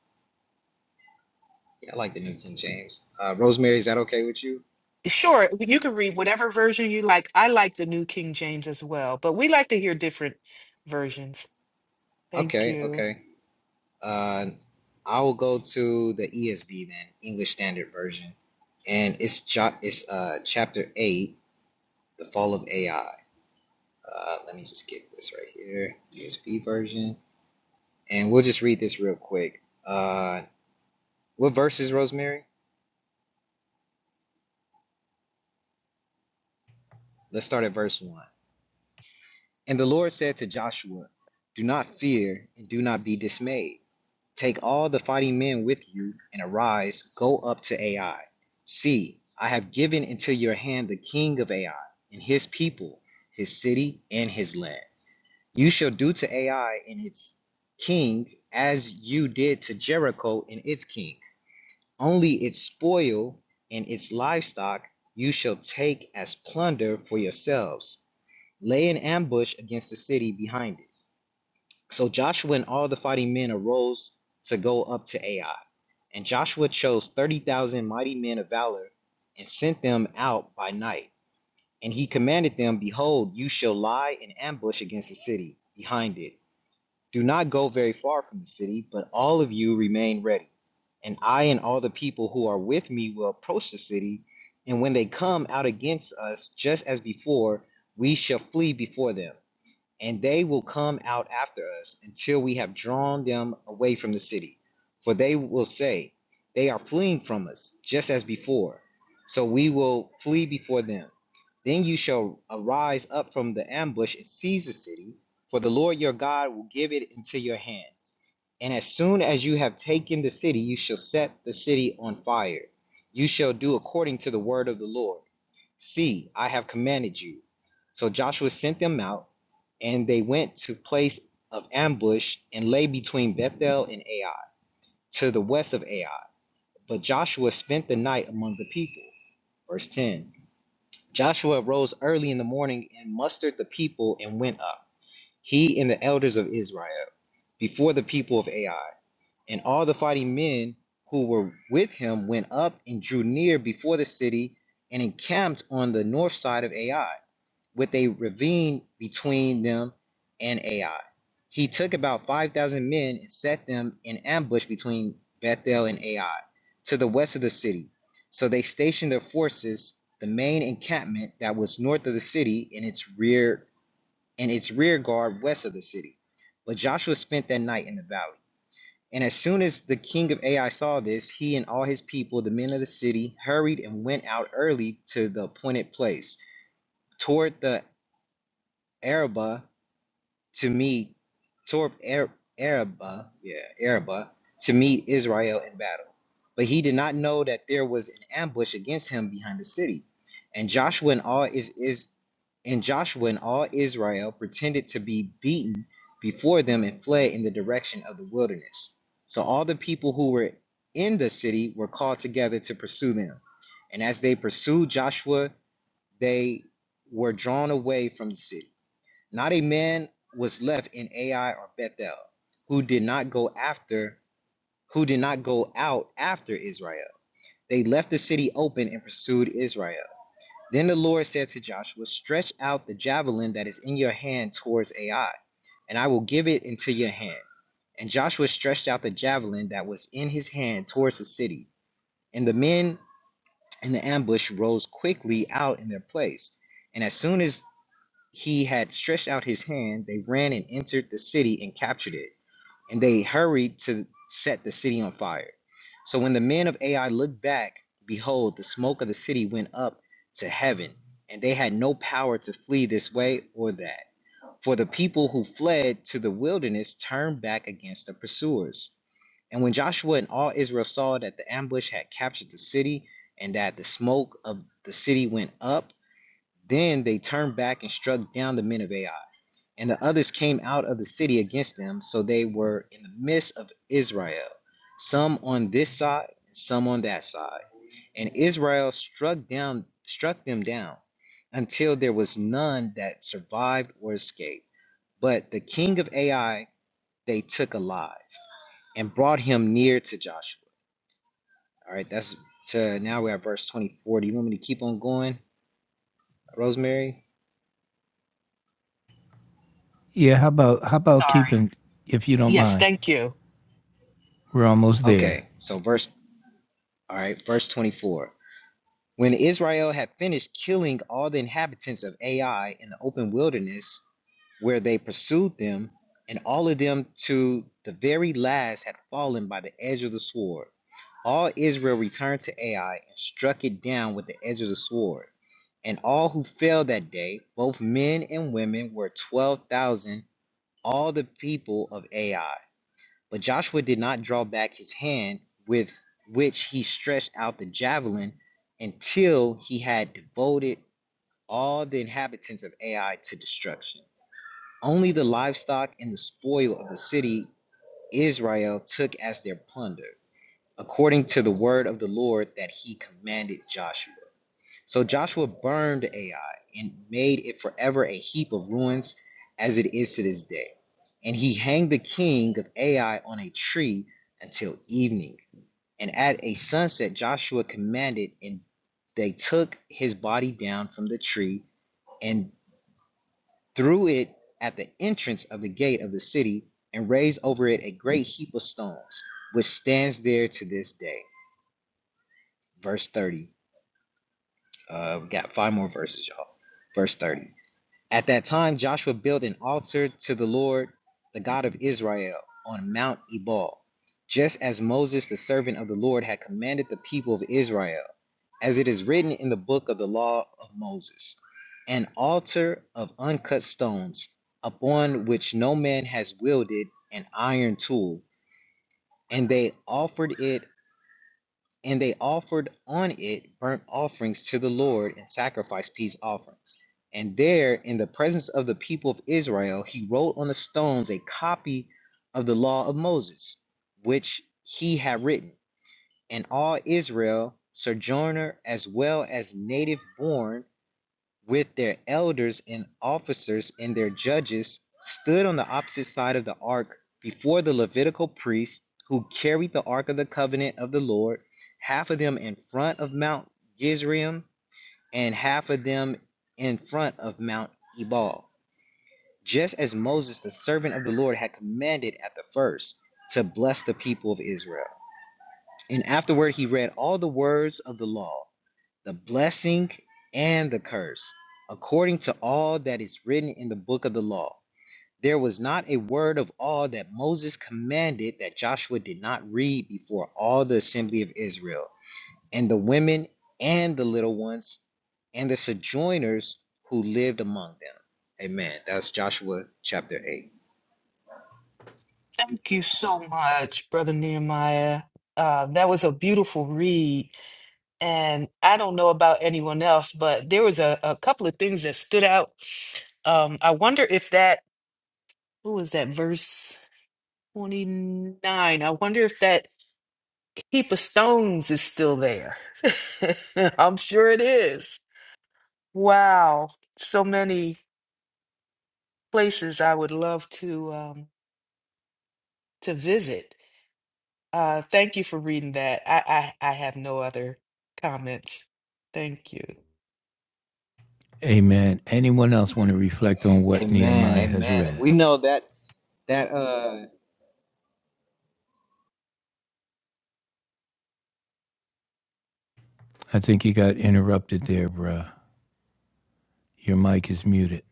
F: Yeah, I like the New King James. Uh, Rosemary, is that okay with you?
B: Sure, you can read whatever version you like. I like the New King James as well, but we like to hear different versions. Thank
F: Okay,
B: you.
F: okay. Uh, I will go to the ESV then, English Standard Version, and it's jo- it's uh, chapter eight, the fall of AI. Uh, let me just get this right here, ESV version, and we'll just read this real quick. Uh, what verse is Rosemary? Let's start at verse one. And the Lord said to Joshua, "Do not fear and do not be dismayed." Take all the fighting men with you, and arise, go up to Ai. See, I have given into your hand the king of Ai, and his people, his city, and his land. You shall do to Ai and its king as you did to Jericho and its king. Only its spoil and its livestock you shall take as plunder for yourselves. Lay an ambush against the city behind it so Joshua and all the fighting men arose to go up to Ai. And Joshua chose 30,000 mighty men of valor and sent them out by night. And he commanded them, Behold, you shall lie in ambush against the city, behind it. Do not go very far from the city, but all of you remain ready. And I and all the people who are with me will approach the city. And when they come out against us, just as before, we shall flee before them and they will come out after us until we have drawn them away from the city. For they will say, They are fleeing from us, just as before. So we will flee before them. Then you shall arise up from the ambush and seize the city, for the Lord your God will give it into your hand. And as soon as you have taken the city, you shall set the city on fire. You shall do according to the word of the Lord. See, I have commanded you. So Joshua sent them out, and they went to place of ambush and lay between Bethel and Ai, to the west of Ai. But Joshua spent the night among the people. Verse 10 Joshua rose early in the morning and mustered the people and went up, he and the elders of Israel, before the people of Ai. And all the fighting men who were with him went up and drew near before the city and encamped on the north side of Ai, with a ravine between them and Ai. He took about 5,000 men and set them in ambush between Bethel and Ai, to the west of the city. So they stationed their forces, the main encampment that was north of the city, in its rear, and its rear guard west of the city. But Joshua spent that night in the valley. And as soon as the king of Ai saw this, he and all his people, the men of the city, hurried and went out early to the appointed place, toward the Araba to meet toward Ar- Araba, yeah, Araba to meet Israel in battle but he did not know that there was an ambush against him behind the city. And Joshua and all is is and Joshua and all Israel pretended to be beaten before them and fled in the direction of the wilderness. So all the people who were in the city were called together to pursue them. And as they pursued Joshua, they were drawn away from the city. Not a man was left in Ai or Bethel who did not go after who did not go out after Israel they left the city open and pursued Israel. Then the Lord said to Joshua, Stretch out the javelin that is in your hand towards Ai, and I will give it into your hand. And Joshua stretched out the javelin that was in his hand towards the city. And the men in the ambush rose quickly out in their place. And as soon as he had stretched out his hand, they ran and entered the city and captured it and they hurried to set the city on fire. So when the men of Ai looked back, behold, the smoke of the city went up to heaven, and they had no power to flee this way or that. For the people who fled to the wilderness turned back against the pursuers. And when Joshua and all Israel saw that the ambush had captured the city, and that the smoke of the city went up, then they turned back and struck down the men of Ai. And the others came out of the city against them, so they were in the midst of Israel, some on this side, and some on that side. And Israel struck down struck them down until there was none that survived or escaped. But the king of Ai they took alive and brought him near to Joshua. All right, that's to now we're at verse 24. Do you want me to keep on going, Rosemary?
A: Yeah, how about how about
B: Sorry.
A: keeping if you don't
B: Yes,
A: mind?
B: thank you.
A: We're almost there.
F: Okay, so verse all right, verse 24. When Israel had finished killing all the inhabitants of Ai in the open wilderness where they pursued them, and all of them to the very last had fallen by the edge of the sword, all Israel returned to Ai and struck it down with the edge of the sword. And all who fell that day, both men and women, were 12,000, all the people of Ai. But Joshua did not draw back his hand with which he stretched out the javelin until he had devoted all the inhabitants of Ai to destruction. Only the livestock and the spoil of the city Israel took as their plunder, according to the word of the Lord that he commanded Joshua. So Joshua burned Ai and made it forever a heap of ruins as it is to this day. And he hanged the king of Ai on a tree until evening. And at a sunset, Joshua commanded, and they took his body down from the tree and threw it at the entrance of the gate of the city and raised over it a great heap of stones, which stands there to this day. Verse 30. Uh, we got five more verses, y'all. Verse 30. At that time, Joshua built an altar to the Lord, the God of Israel, on Mount Ebal, just as Moses, the servant of the Lord, had commanded the people of Israel, as it is written in the book of the law of Moses an altar of uncut stones, upon which no man has wielded an iron tool. And they offered it and they offered on it burnt offerings to the Lord and sacrificed peace offerings. And there, in the presence of the people of Israel, he wrote on the stones a copy of the law of Moses, which he had written. And all Israel, sojourner as well as native born, with their elders and officers and their judges, stood on the opposite side of the ark before the Levitical priests who carried the ark of the covenant of the Lord, half of them in front of Mount Gizrim and half of them in front of Mount Ebal, just as Moses, the servant of the Lord, had commanded at the first to bless the people of Israel. And afterward he read all the words of the law the blessing and the curse, according to all that is written in the book of the law. There was not a word of all that Moses commanded that Joshua did not read before all the assembly of Israel, and the women and the little ones, and the sojourners who lived among them. Amen. That's Joshua chapter 8.
B: Thank you so much, Brother Nehemiah. Uh, that was a beautiful read And I don't know about anyone else, but there was a, a couple of things that stood out. Um, I wonder if that, what was that, verse 29? I wonder if that heap of stones is still there. *laughs* I'm sure it is. Wow. So many places I would love to um, to visit. Uh, thank you for reading that. I, I, I have no other comments. Thank you.
A: Amen. Anyone else want to reflect on what
F: Amen.
A: Nehemiah has
F: Amen. And
A: read?
F: we know that, that, uh,
A: I think you got interrupted there, bruh. Your mic is muted.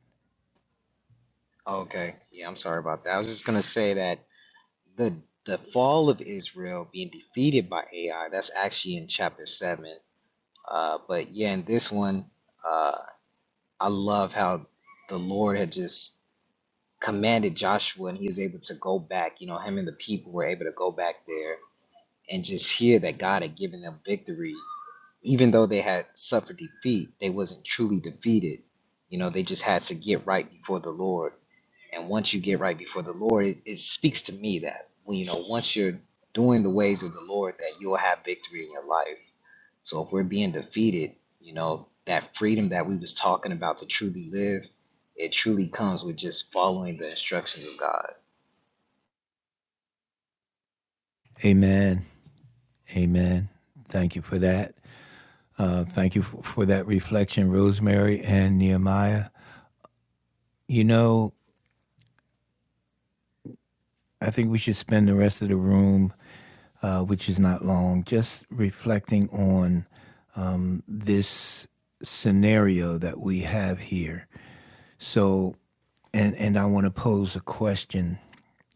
F: okay. Yeah, I'm sorry about that. I was just going to say that the the fall of Israel being defeated by Ai. That's actually in chapter seven. Uh, but yeah, in this one, uh, I love how the Lord had just commanded Joshua, and he was able to go back. You know, him and the people were able to go back there and just hear that God had given them victory even though they had suffered defeat, they wasn't truly defeated. You know, they just had to get right before the Lord. And once you get right before the Lord, it, it speaks to me that when you know once you're doing the ways of the Lord, that you'll have victory in your life. So if we're being defeated, you know that freedom that we was talking about to truly live, it truly comes with just following the instructions of God.
A: Amen. Amen. Thank you for that. Uh, thank you for, for that reflection, Rosemary and Nehemiah. You know, I think we should spend the rest of the room, uh, which is not long, just reflecting on um, this scenario that we have here. So, and and I want to pose a question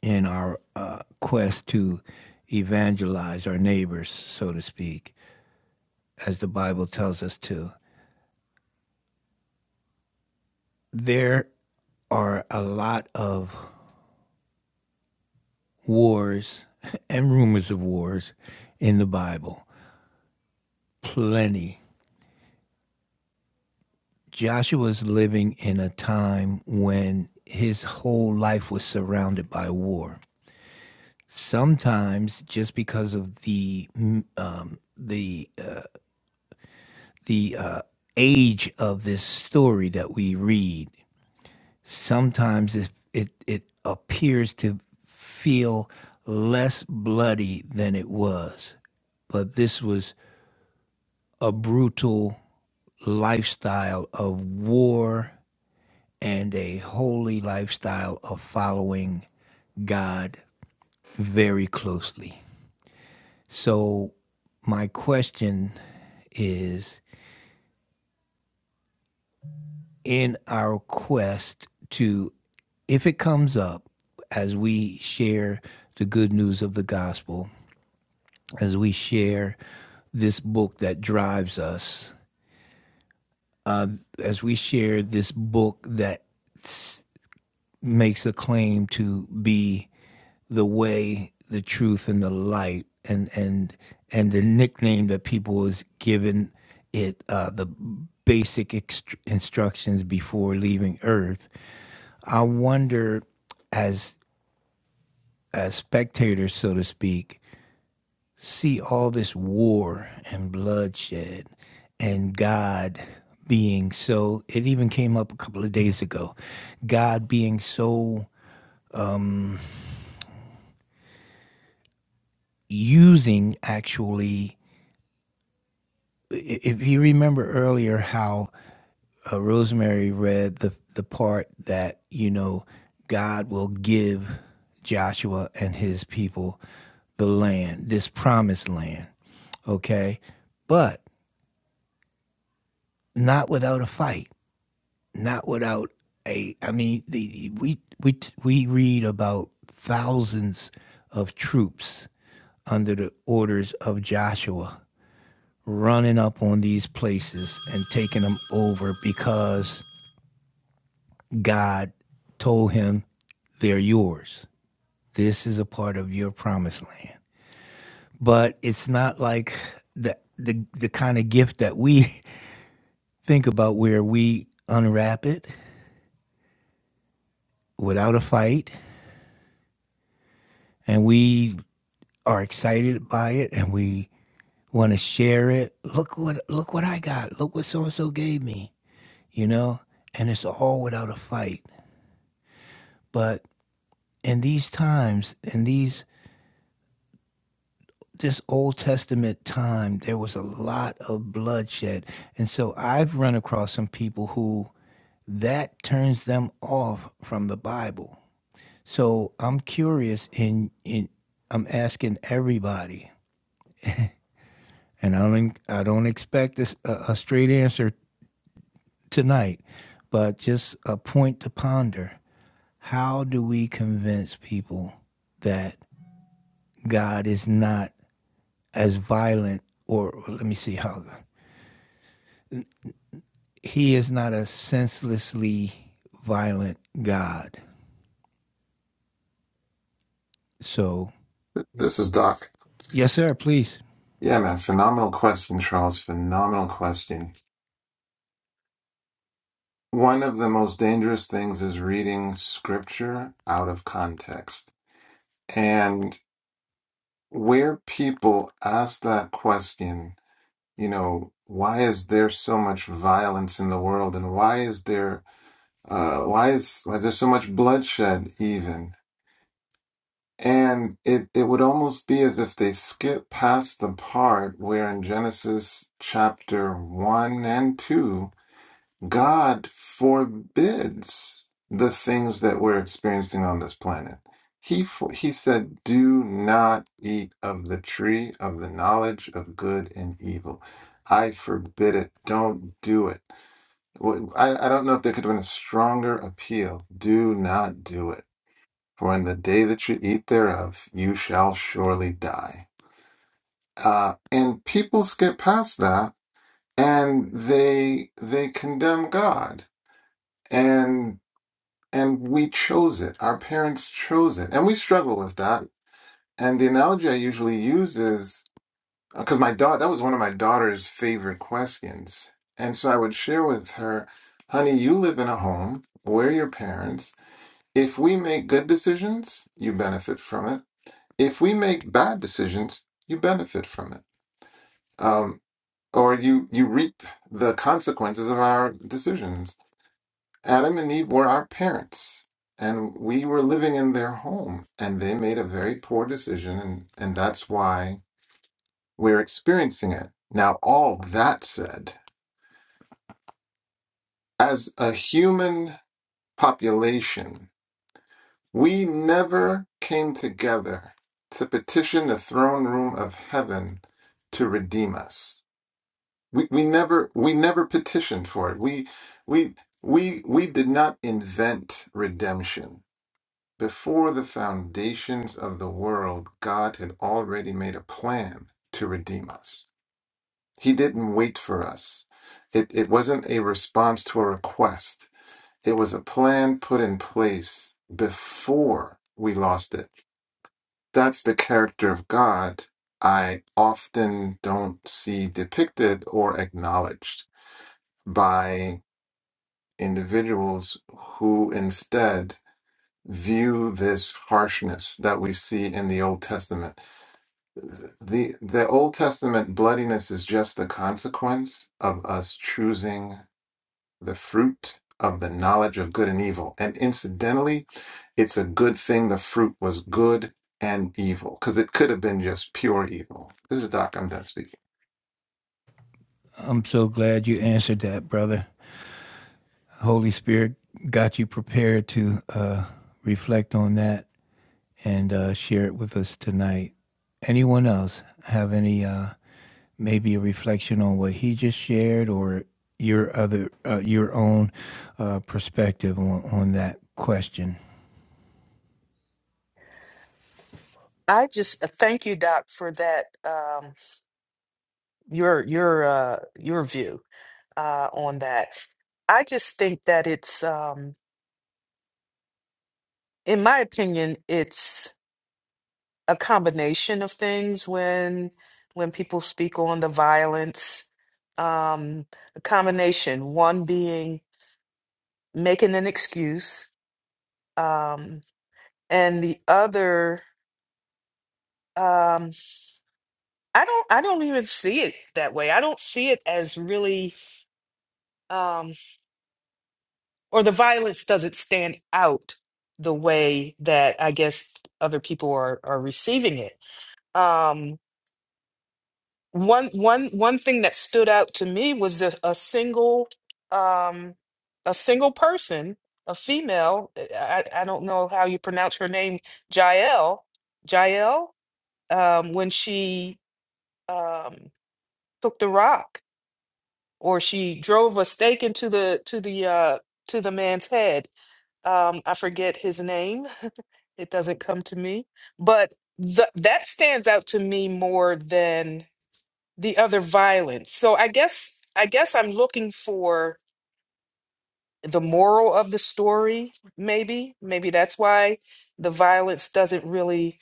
A: in our uh, quest to evangelize our neighbors, so to speak, as the Bible tells us to. There are a lot of wars *laughs* and rumors of wars in the Bible, plenty. Joshua was living in a time when his whole life was surrounded by war. Sometimes, just because of the mm, um, the uh, the uh, age of this story that we read, sometimes it it, it appears to feel less bloody than it was. But this was a brutal lifestyle of war and a holy lifestyle of following God very closely. So, my question is in our quest to, if it comes up, as we share the good news of the gospel, as we share this book that drives us, as we share this book that makes a claim to be the way, the truth, and the light, and and and the nickname that people was given it, uh, the basic ext- instructions before leaving Earth. I wonder, as as spectators, so to speak, see all this war and bloodshed, and God being so. It even came up a couple of days ago. God being so using actually if you remember earlier how uh, Rosemary read the the part that you know God will give Joshua and his people the land, this promised land, okay? But not without a fight, not without a I mean the, we we we read about thousands of troops under the orders of Joshua running up on these places and taking them over because God told him, They're yours. This is a part of your promised land. But it's not like the the, the kind of gift that we *laughs* think about where we unwrap it without a fight and we are excited by it and we want to share it. Look what look what I got. Look what so and so gave me. You know? And it's all without a fight. But in these times, in these this Old Testament time, there was a lot of bloodshed. And so I've run across some people who that turns them off from the Bible. So I'm curious and in in I'm asking everybody, and I don't I don't expect this a, a straight answer tonight, but just a point to ponder. How do we convince people that God is not as violent or or let me see how he is not a senselessly violent God. So,
E: This is Doc.
A: yes, sir, please.
E: Yeah, man. Phenomenal question, Charles. Phenomenal question. One of the most dangerous things is reading scripture out of context. And where people ask that question, you know, why is there so much violence in the world and why is there uh why is why is there so much bloodshed even? And it it would almost be as if they skip past the part where in Genesis chapter 1 and 2 God forbids the things that we're experiencing on this planet. He for, he said, "Do not eat of the tree of the knowledge of good and evil." I forbid it. Don't do it. Wh- I, I don't know if there could have been a stronger appeal. Do not do it. For in the day that you eat thereof, you shall surely die. Uh, and people skip past that, and they they condemn God and. and we chose it. Our parents chose it, and we struggle with that. And the analogy I usually use is because my daughter that was one of my daughter's favorite questions, and so I would share with her, "Honey, you live in a home. We're your parents. If we make good decisions, you benefit from it. If we make bad decisions, you benefit from it." Um, or you you reap the consequences of our decisions Adam and Eve were our parents, and we were living in their home, and they made a very poor decision, and, and that's why we're experiencing it. Now, all that said, as a human population, we never came together to petition the throne room of heaven to redeem us. We, we never we never petitioned for it. We we we we did not invent redemption Before the foundations of the world, God had already made a plan to redeem us. He didn't wait for us. It, it wasn't a response to a request, it was a plan put in place before we lost it. That's the character of God I often don't see depicted or acknowledged by individuals who instead view this harshness that we see in the Old Testament. The the Old Testament bloodiness is just a consequence of us choosing the fruit of the knowledge of good and evil. And incidentally, it's a good thing the fruit was good and evil because it could have been just pure evil. This is Doc. I'm done speaking.
A: I'm so glad you answered that, brother. Holy Spirit got you prepared to uh, reflect on that and uh, share it with us tonight. Anyone else have any, uh, maybe a reflection on what he just shared or your other, uh, your own uh, perspective on, on that question?
B: I just uh, thank you, Doc, for that. Um, your your uh your view uh on that. I just think that it's um in my opinion it's a combination of things when when people speak on the violence um a combination one being making an excuse um and the other um I don't I don't even see it that way. I don't see it as really um, or the violence doesn't stand out the way that I guess other people are are receiving it. Um, one one one thing that stood out to me was just a single um, a single person, a female. I, I I don't know how you pronounce her name, Jael. Jael, um, when she um, took the rock or she drove a stake into the to the uh, to the man's head Um, I forget his name. *laughs* It doesn't come to me. But th that stands out to me more than the other violence. So I guess I guess I'm looking for the moral of the story, maybe. Maybe that's why the violence doesn't really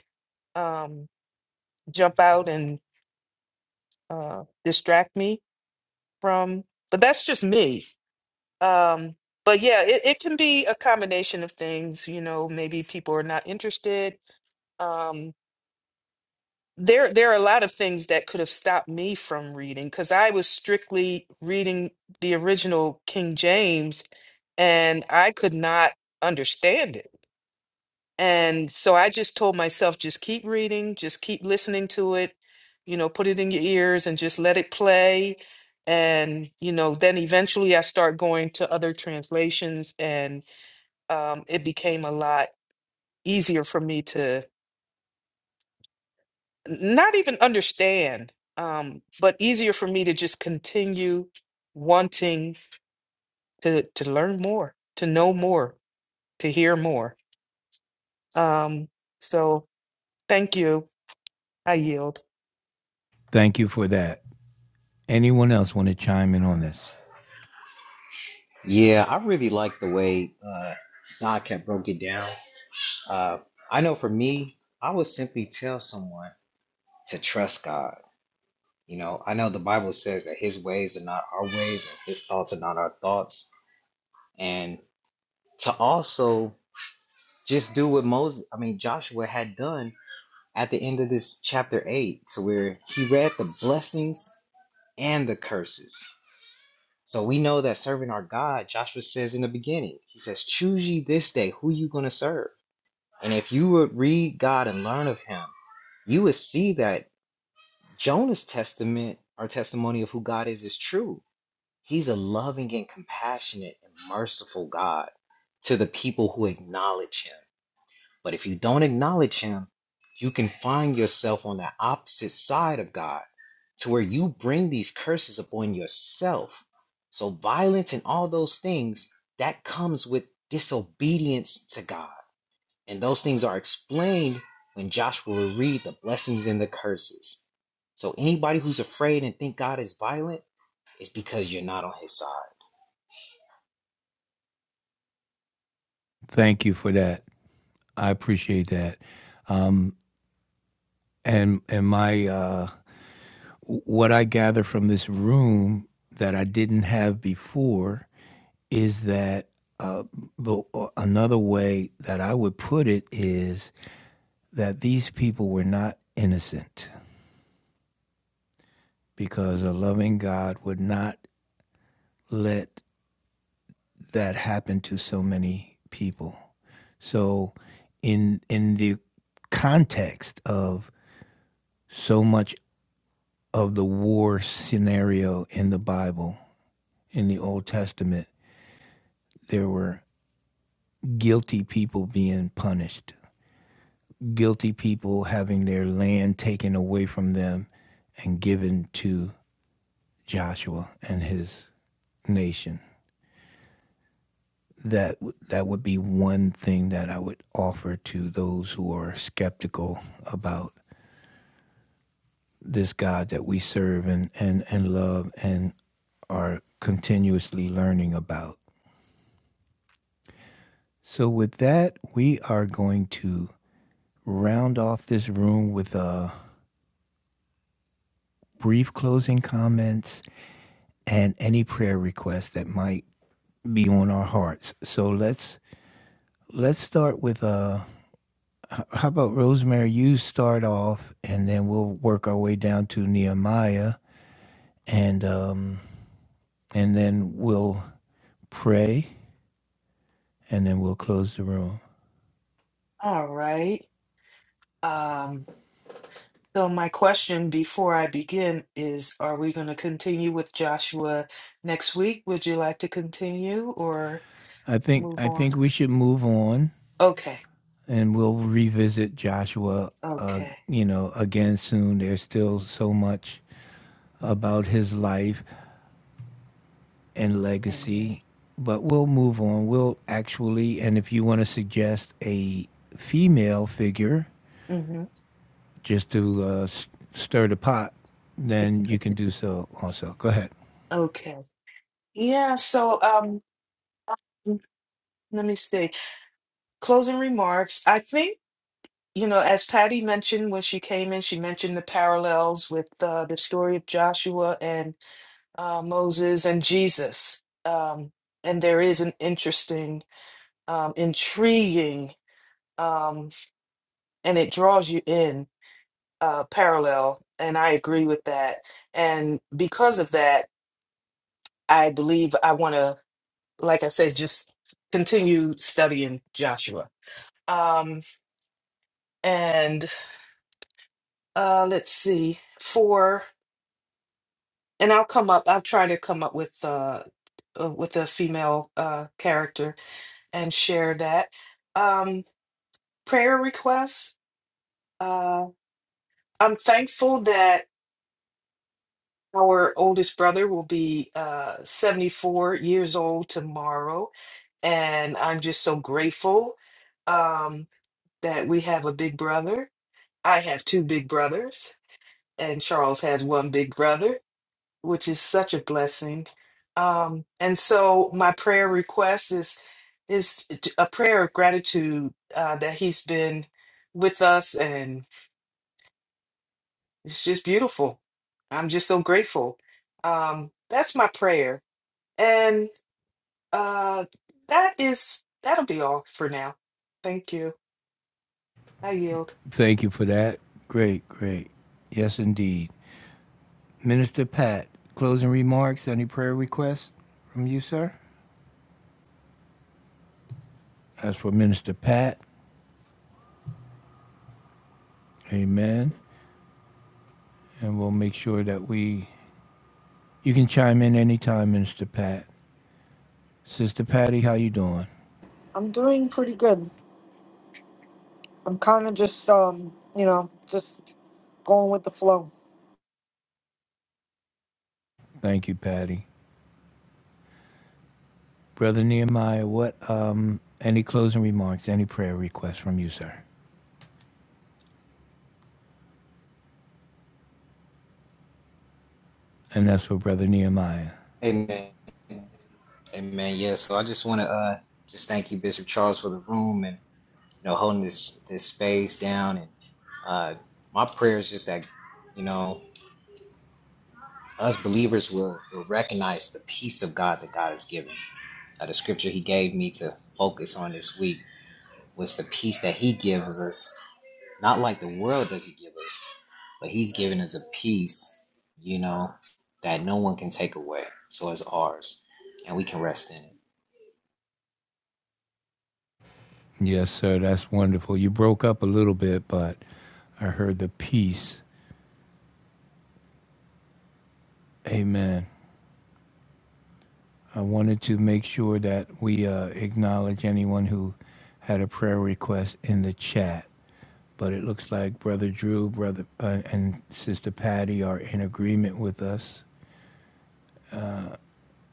B: um, jump out and uh, distract me from. But that's just me. Um, but yeah, it, it can be a combination of things. You know, maybe people are not interested. Um, there there are a lot of things that could have stopped me from reading because I was strictly reading the original King James and I could not understand it. And so I just told myself, just keep reading, just keep listening to it, you know, put it in your ears and just let it play. And, you know, then eventually I start going to other translations and um, it became a lot easier for me to. not even understand, um, but easier for me to just continue wanting to to learn more, to know more, to hear more. Um, so thank you. I yield.
A: Thank you for that. Anyone else want to chime in on this?
F: Yeah, I really like the way uh, Doc had broke it down Uh, I know for me, I would simply tell someone to trust God. You know, I know the Bible says that His ways are not our ways, and His thoughts are not our thoughts, and to also just do what Moses, I mean Joshua, had done at the end of this chapter eight, to where he read the blessings and the curses. So we know that serving our God, Joshua says in the beginning, he says, "Choose ye this day who you gonna serve." And if you would read God and learn of Him, you would see that Jonah's testament our testimony of who God is is true. He's a loving and compassionate and merciful God to the people who acknowledge him. But if you don't acknowledge him, you can find yourself on the opposite side of God to where you bring these curses upon yourself. So violence and all those things that comes with disobedience to God and those things are explained when Joshua will read the blessings and the curses. So anybody who's afraid and think God is violent is because you're not on his side.
A: Thank you for that. I appreciate that. Um, and and my uh, what I gather from this room that I didn't have before is that uh, the uh, another way that I would put it is that these people were not innocent because a loving God would not let that happen to so many people. So in in the context of so much of the war scenario in the Bible, in the Old Testament, there were guilty people being punished, guilty people having their land taken away from them and given to Joshua and his nation. That that would be one thing that I would offer to those who are skeptical about this God that we serve and, and, and love and are continuously learning about. So, with that, we are going to round off this room with a brief closing comments and any prayer requests that might be on our hearts. So let's let's start with uh, how about Rosemary? You start off, and then we'll work our way down to Nehemiah, and um, and then we'll pray, and then we'll close the room.
B: All right. Um, so my question before I begin is, are we going to continue with Joshua next week? Would you like to continue or
A: I think
B: move
A: I
B: on?
A: think we should move on
B: Okay.
A: and we'll revisit Joshua, uh,
B: Okay.
A: you know, again soon. There's still so much
B: Mm,
A: about his life and
B: Amen.
A: legacy, but we'll move on. We'll actually, and if you want to suggest a female figure
B: hmm
A: just to uh, s- stir the pot, then you can do so also. Go ahead.
B: Okay. Yeah. So, um, Um, Let me see. Closing remarks. I think, you know, as Patty mentioned when she came in, she mentioned the parallels with uh, the story of Joshua and uh, Moses and Jesus. Um, and there is an interesting, um, intriguing, um, and it draws you in uh, parallel. And I agree with that. And because of that, I believe I want to, like I said, just continue studying Joshua. Um, and uh let's see for and i'll come up i'll try to come up with uh, uh with a female uh character and share that um prayer requests uh i'm thankful that our oldest brother will be uh 74 years old tomorrow and i'm just so grateful um that we have a big brother i have two big brothers and charles has one big brother which is such a blessing. Um, and so my prayer request is is t- a prayer of gratitude uh, that he's been with us, and it's just beautiful. I'm just so grateful. Um, that's my prayer, and uh, that is that'll be all for now. Thank you. I yield,
A: Thank you for that. Great, great. Yes, indeed. Minister Pat, closing remarks, any prayer requests from you, sir? As for Minister Pat, amen. and we'll make sure that we. You can chime in anytime, Minister Pat. Sister Patty, how you doing?
D: I'm doing pretty good. I'm kind of just um you know just going with the flow.
A: Thank you, Patty. Brother Nehemiah, what? Um, any closing remarks? Any prayer requests from you, sir? And that's for Brother Nehemiah.
F: Amen. Amen. Yeah. So I just want to uh just thank you, Bishop Charles, for the room and you know holding this this space down. And uh my prayer is just that you know us believers will, will recognize the peace of God that God has given. Uh, the scripture he gave me to focus on this week was the peace that he gives us, not like the world does he give us, but he's given us a peace, you know, that no one can take away. So it's ours, and we can rest in it.
A: Yes, sir. That's wonderful. You broke up a little bit, but I heard the peace. Amen. I wanted to make sure that we uh, acknowledge anyone who had a prayer request in the chat. but it looks like Brother Drew, Brother uh, and Sister Patty are in agreement with us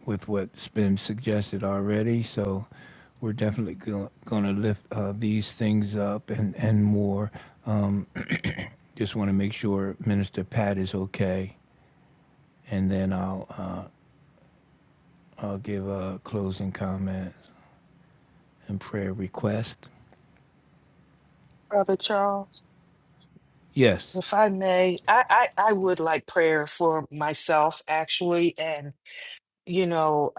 A: with what's been suggested already. So we're definitely go- going to lift uh, these things up and and more. Um, just want to make sure Minister Pat is okay, and then I'll uh, I'll give a closing comment and prayer request.
B: Brother Charles.
A: Yes.
B: If I may, I I, I would like prayer for myself actually, and you know.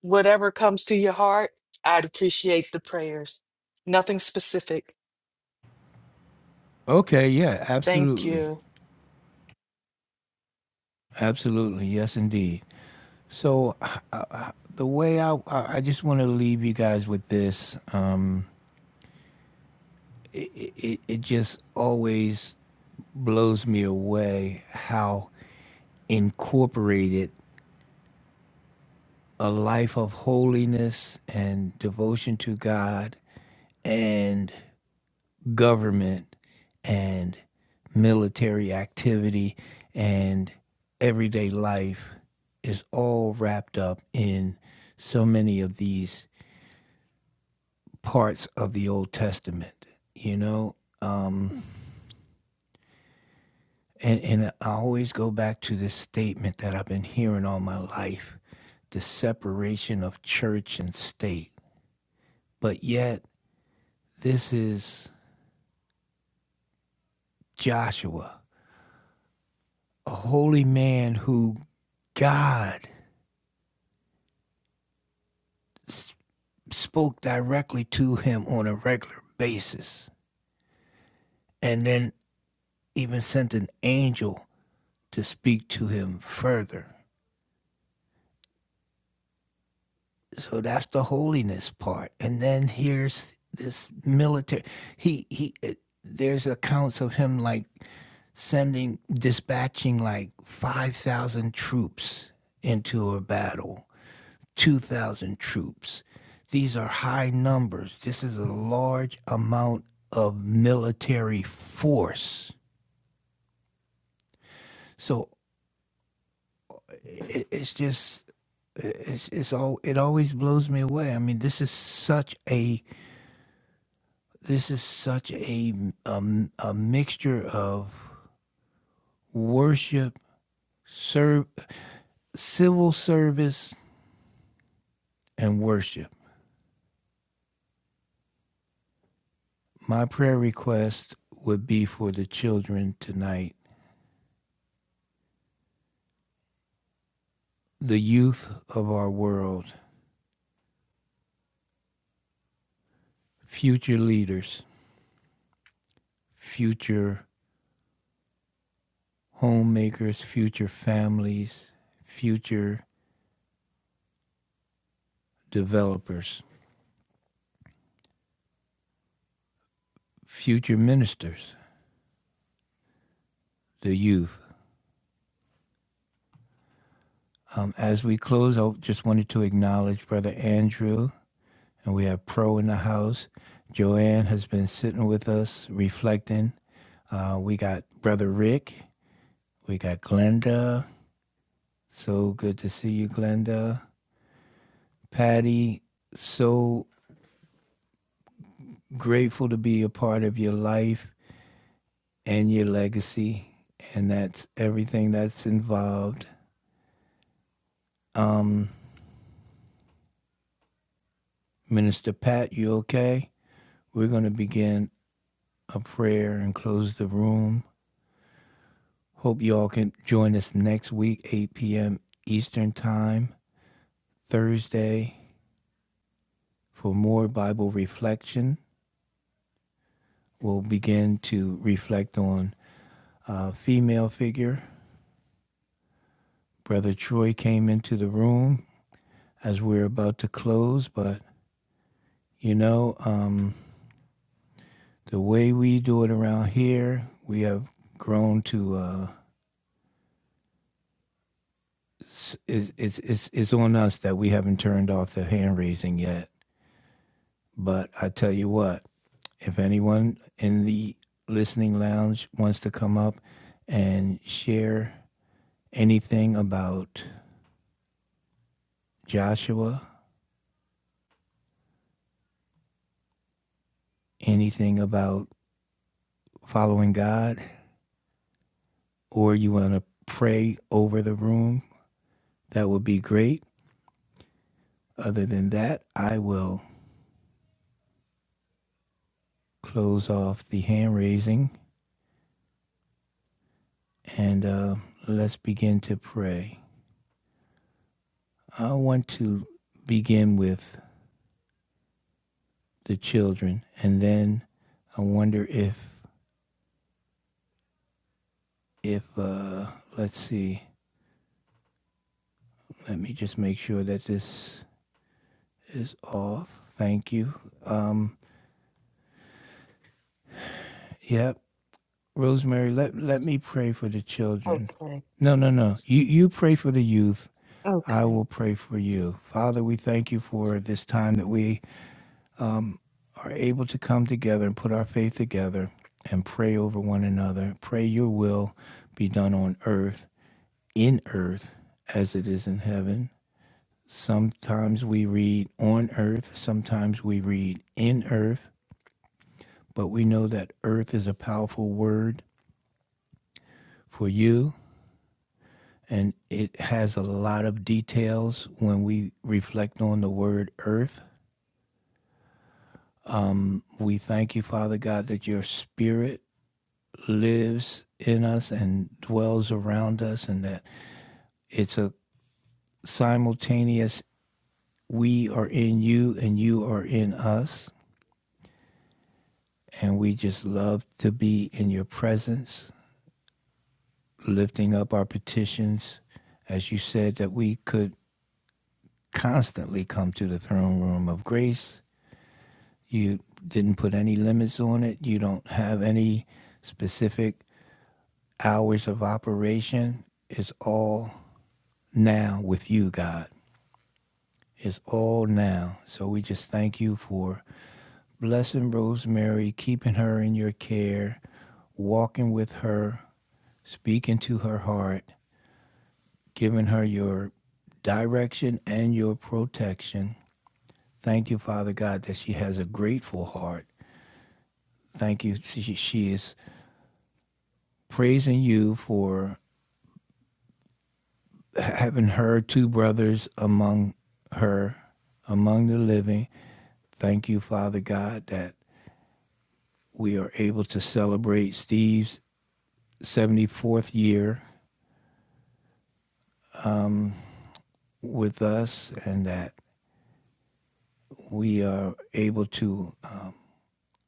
B: Whatever comes to your heart, I'd appreciate the prayers. Nothing specific.
A: Okay. Yeah.
B: Thank
A: Absolutely.
B: you.
A: Absolutely. Yes, indeed. So uh, uh, the way I, I I just want to leave you guys with this, um, it, it, it just always blows me away how incorporated a life of holiness and devotion to God and government and military activity and everyday life is all wrapped up in so many of these parts of the Old Testament, you know? And, and I always go back to this statement that I've been hearing all my life the separation of church and state. But yet, this is Joshua, a holy man who God spoke directly to him on a regular basis, and then even sent an angel to speak to him further. so that's the holiness part and then here's this military he he uh, there's accounts of him like sending dispatching like 5000 troops into a battle 2000 troops these are high numbers this is a large amount of military force so it, it's just it's, it's all it always blows me away i mean this is such a this is such a um, a mixture of worship, serve, civil service, and worship. My prayer request would be for the children tonight, the youth of our world, future leaders, future homemakers, future families, future developers, future ministers, the youth. Um, as we close, I just wanted to acknowledge Brother Andrew and we have Pro in the house. Joanne has been sitting with us reflecting. Uh, we got Brother Rick. We got Glenda. So good to see you, Glenda. Patty, so grateful to be a part of your life and your legacy. And that's everything that's involved. Um, Minister Pat, you okay? We're going to begin a prayer and close the room. Hope you all can join us next week, 8 p.m. Eastern Time, Thursday, for more Bible reflection. We'll begin to reflect on a female figure. Brother Troy came into the room as we are about to close, but you know, um, the way we do it around here, we have grown to, uh, it's, it's, it's, it's on us that we haven't turned off the hand raising yet. But I tell you what, if anyone in the listening lounge wants to come up and share anything about Joshua, anything about following God, or you want to pray over the room, that would be great. Other than that, I will close off the hand raising and uh, let's begin to pray. I want to begin with the children, and then I wonder if if uh, let's see, let me just make sure that this is off. Thank you. Um, yep, Rosemary, let let me pray for the children.
B: Okay.
A: No, no, no. You you pray for the youth. I
B: Okay.
A: will pray for you. Father, we thank you for this time that we are able to come together and put our faith together and pray over one another. Pray your will be done on earth in earth as it is in heaven. Sometimes we read on earth, sometimes we read in earth, but we know that earth is a powerful word for you and it has a lot of details when we reflect on the word earth. We thank you, Father God, that your spirit lives in us and dwells around us, and that it's a simultaneous we are in you and you are in us And we just love to be in your presence, lifting up our petitions, as you said, that we could constantly come to the throne room of grace. You didn't put any limits on it, you don't have any specific hours of operation. It's all now with you, God. It's all now. So we just thank you for blessing Rosemary, keeping her in your care, walking with her, speaking to her heart, giving her your direction and your protection. Thank you, Father God, that she has a grateful heart. Thank you. She, she is praising you for having her two brothers among her, among the living. Thank you, Father God, that we are able to celebrate Steve's 74th year with us and that we are able to uh,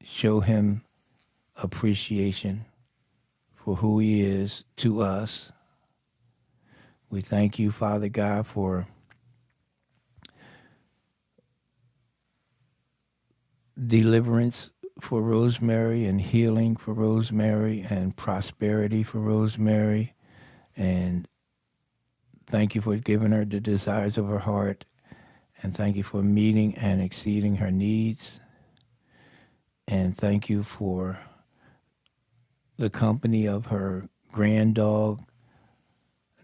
A: show him appreciation for who he is to us. We thank you, Father God, for deliverance for Rosemary and healing for Rosemary and prosperity for Rosemary. And thank you for giving her the desires of her heart. And thank you for meeting and exceeding her needs. And thank you for the company of her grand dog,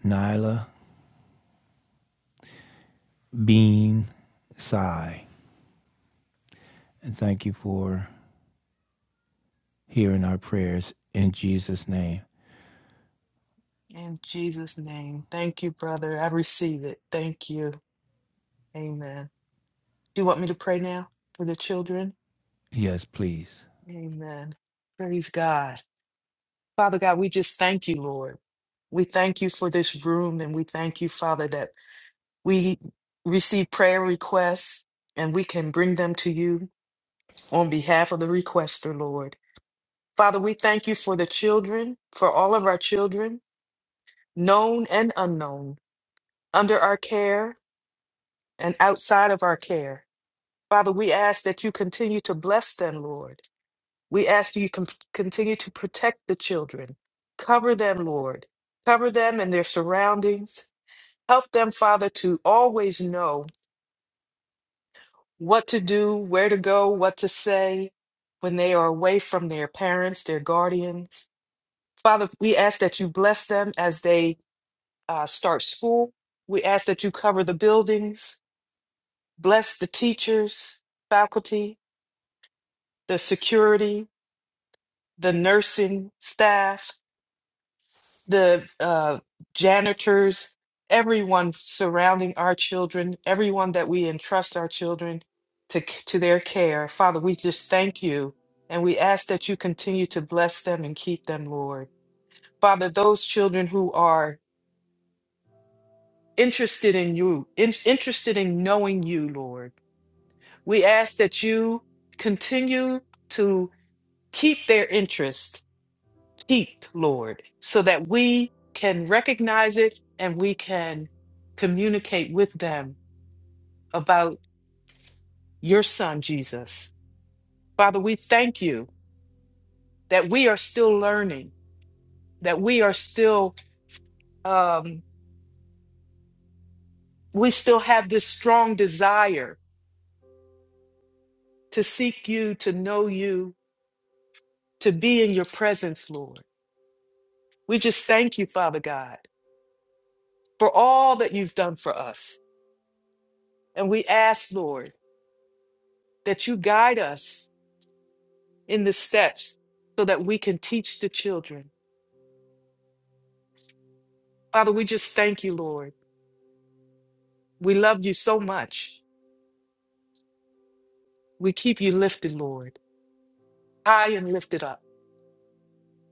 A: Nyla Bean Sai. And thank you for hearing our prayers in Jesus' name.
B: In Jesus' name. Thank you, brother. I receive it. Thank you. Amen. Do you want me to pray now for the children?
A: Yes, please.
B: Amen. Praise God. Father God, we just thank you, Lord. We thank you for this room and we thank you, Father, that we receive prayer requests and we can bring them to you on behalf of the requester, Lord. Father, we thank you for the children, for all of our children, known and unknown, under our care and outside of our care. Father, we ask that you continue to bless them, Lord. We ask that you con- continue to protect the children. Cover them, Lord. Cover them and their surroundings. Help them, Father, to always know what to do, where to go, what to say when they are away from their parents, their guardians. Father, we ask that you bless them as they uh, start school. We ask that you cover the buildings, bless the teachers, faculty, the security, the nursing staff, the uh, janitors, everyone surrounding our children, everyone that we entrust our children to, to their care. Father, we just thank you and we ask that you continue to bless them and keep them, Lord. Father, those children who are interested in you, in- interested in knowing you, Lord. We ask that you continue to keep their interest piqued, Lord, so that we can recognize it and we can communicate with them about your son, Jesus. Father, we thank you that we are still learning, that we are still, um, we still have this strong desire to seek you, to know you, to be in your presence, Lord. We just thank you, Father God, for all that you've done for us. And we ask, Lord, that you guide us in the steps so that we can teach the children. Father, we just thank you, Lord. We love you so much. We keep you lifted, Lord, high and lifted up.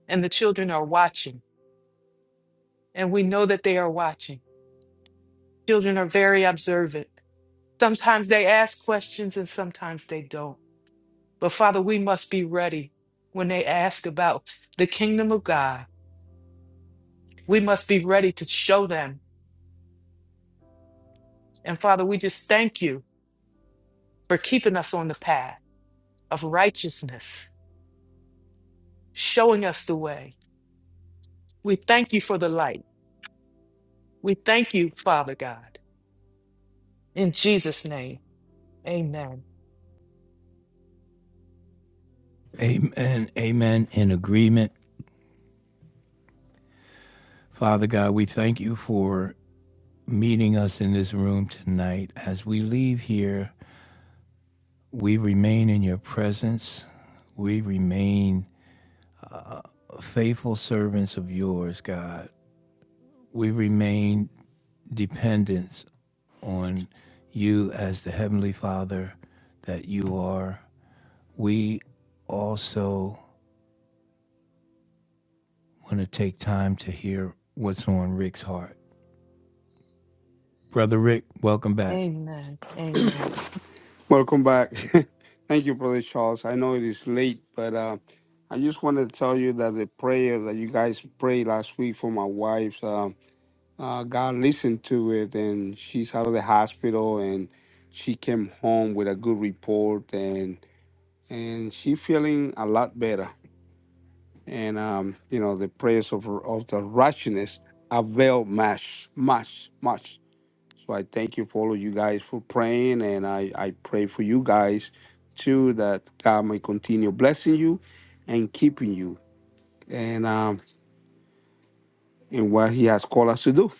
B: And the children are watching, and we know that they are watching. Children are very observant. Sometimes they ask questions and sometimes they don't. But Father, we must be ready when they ask about the kingdom of God. We must be ready to show them. And Father, we just thank you for keeping us on the path of righteousness, showing us the way. We thank you for the light. We thank you, Father God. In Jesus' name, amen.
A: Amen. Amen. In agreement. Father God, we thank you for meeting us in this room tonight. As we leave here, we remain in your presence. We remain faithful servants of yours, God. We remain dependent on you as the Heavenly Father that you are. We also want to take time to hear what's on Rick's heart. Brother Rick, welcome back.
B: Amen. Amen.
G: Welcome back. *laughs* Thank you, Brother Charles. I know it is late, but uh, I just wanted to tell you that the prayer that you guys prayed last week for my wife, uh, uh, God listened to it, and she's out of the hospital, and she came home with a good report, and and she feeling a lot better. And um, you know, the prayers of of the righteousness avail much, much, much. So I thank you for all of you guys for praying, and I, I pray for you guys too that God may continue blessing you and keeping you and um in what He has called us to do.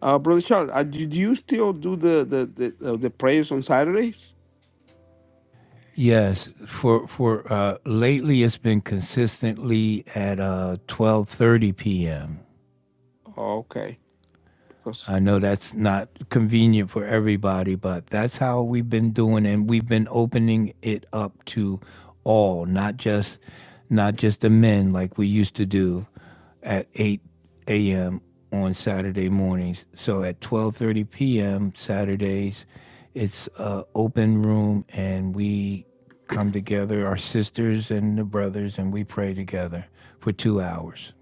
G: Uh, brother Charles, uh, did you still do the the the, uh, the prayers on Saturdays?
A: Yes, for for uh, lately it's been consistently at uh, 12:30 p.m.
G: Oh, Okay, because
A: I know that's not convenient for everybody, but that's how we've been doing, and we've been opening it up to all, not just not just the men like we used to do at 8 a.m. on Saturday mornings. So at 12:30 p.m. Saturdays, it's a open room, and we come together, our sisters and the brothers, and we pray together for two hours.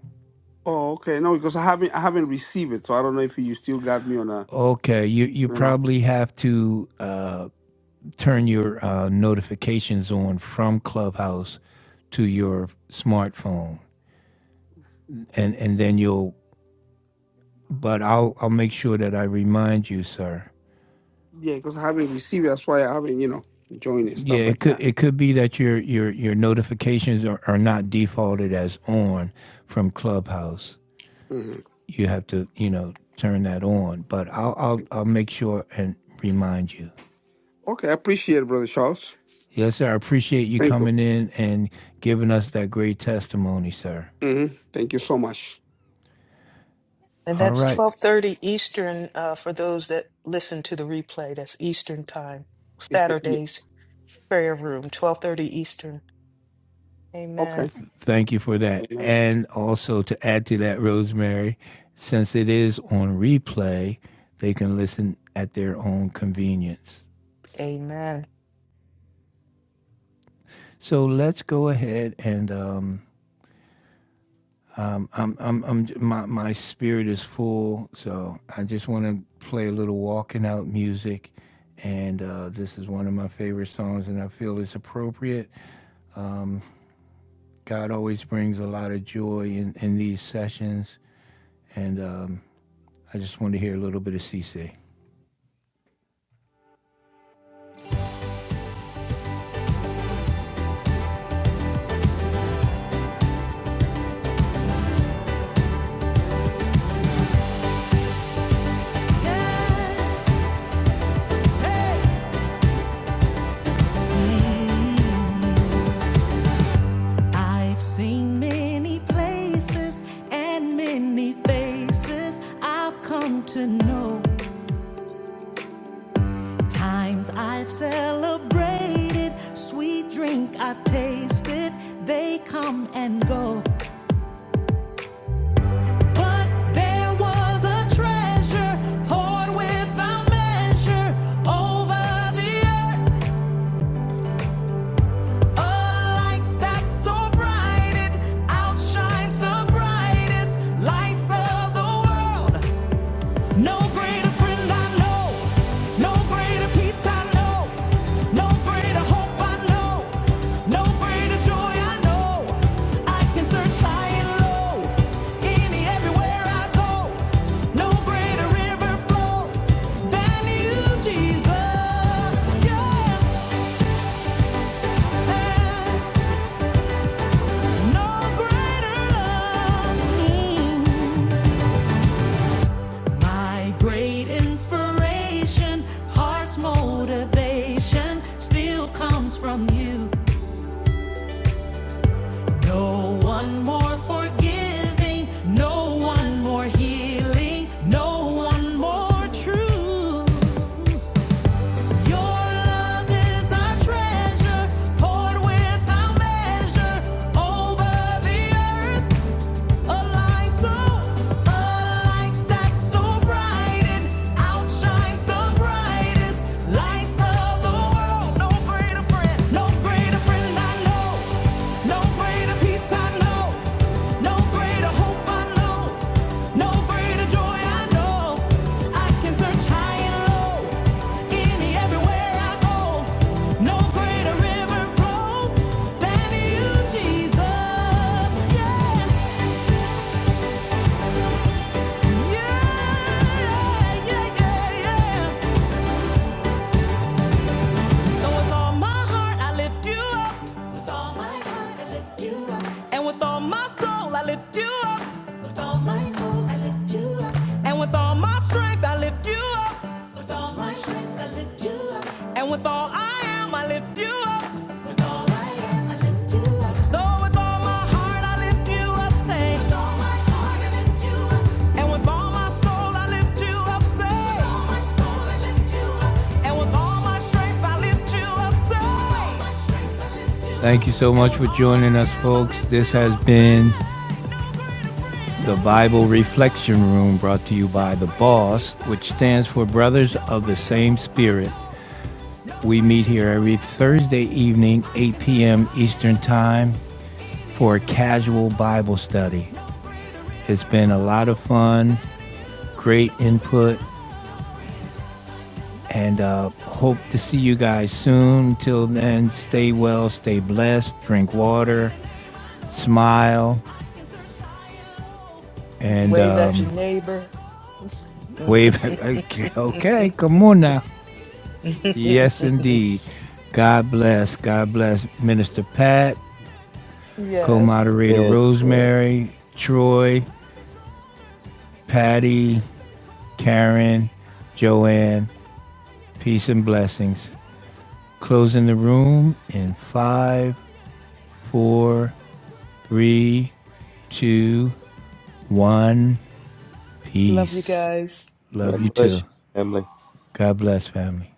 G: oh okay no because I haven't I haven't received it, so I don't know if you still got me on a
A: Okay, you you
G: you know
A: probably have to. Uh, turn your uh, notifications on from Clubhouse to your smartphone, and and then you'll. But I'll I'll make sure that I remind you, sir.
G: yeah because I haven't received it, that's why I haven't you know joined and
A: Yeah,
G: stuff like
A: it could
G: that.
A: it could be that your your your notifications are, are not defaulted as on from Clubhouse.
G: hmm
A: You have to you know turn that on. But I'll I'll I'll make sure and remind you.
G: Okay, I appreciate it, brother Charles.
A: Yes, sir. I appreciate you
G: Thank you.
A: coming in and giving us that great testimony, sir.
G: hmm Thank you so much.
B: And
A: All
B: that's
A: right.
B: 12:30 Eastern uh, for those that listen to the replay. That's Eastern time.
G: It's- Yeah.
B: Saturday's prayer room, 12:30 Eastern.
G: Okay.
B: Amen.
A: Thank you for that. And also to add to that, Rosemary, since it is on replay, they can listen at their own convenience.
B: Amen.
A: So let's go ahead and um, I'm, I'm, I'm, my, my spirit is full. So I just want to play a little walking out music. And uh, this is one of my favorite songs, and I feel it's appropriate. God always brings a lot of joy in, in these sessions. And um, I just want to hear a little bit of C. CC. Mm-hmm. I've seen many places and many faces I've come to know. Times I've celebrated, sweet drink I've tasted, they come and go. But there was a treasure poured without measure over the earth. A light that's so bright it outshines the brightest lights of the world. No greater friend I know, no greater peace I know, no greater hope I know, no greater joy I know. I can search high and low, any everywhere I go. No greater river flows than you, Jesus. Yeah. No greater love. Mm. My great inspiration, heart's motivation still comes from you. No one more forgiving, no one more healing, no one more true. Your love is our treasure, poured without measure over the earth. No greater river flows than you, Jesus. Yeah. Yeah, yeah, yeah, yeah. So with all my heart, I lift you up. With all my heart, I lift you up. And with all my soul, I lift you up. With all my soul, I lift you up. And with all my strength, I lift you up. With all my strength, I lift you up. And with all I am, I lift you up. With all I am. So Thank you so much for joining us, folks. This has been the Bible Reflection Room brought to you by The Boss, which stands for Brothers of the Same Spirit. We meet here every Thursday evening, 8 p.m. Eastern Time, for a casual Bible study. It's been a lot of fun, great input, and uh, hope to see you guys soon. Till then, stay well, stay blessed, drink water, smile, and
B: Wave at
A: um,
B: your neighbor. *laughs*
A: wave. *laughs* okay, okay, come
B: *laughs*
A: on now. Yes, indeed. God bless. God bless Minister Pat, co
B: yes.
A: moderator
C: Yes, sir.
A: Rosemary, Troy, Patty, Karen, Joanne. Peace and blessings. Closing the room in five. four, three, two, one.
B: Love you
A: Peace.
B: guys.
A: Love you
C: God bless
A: too.
C: you, family.
A: God bless, family.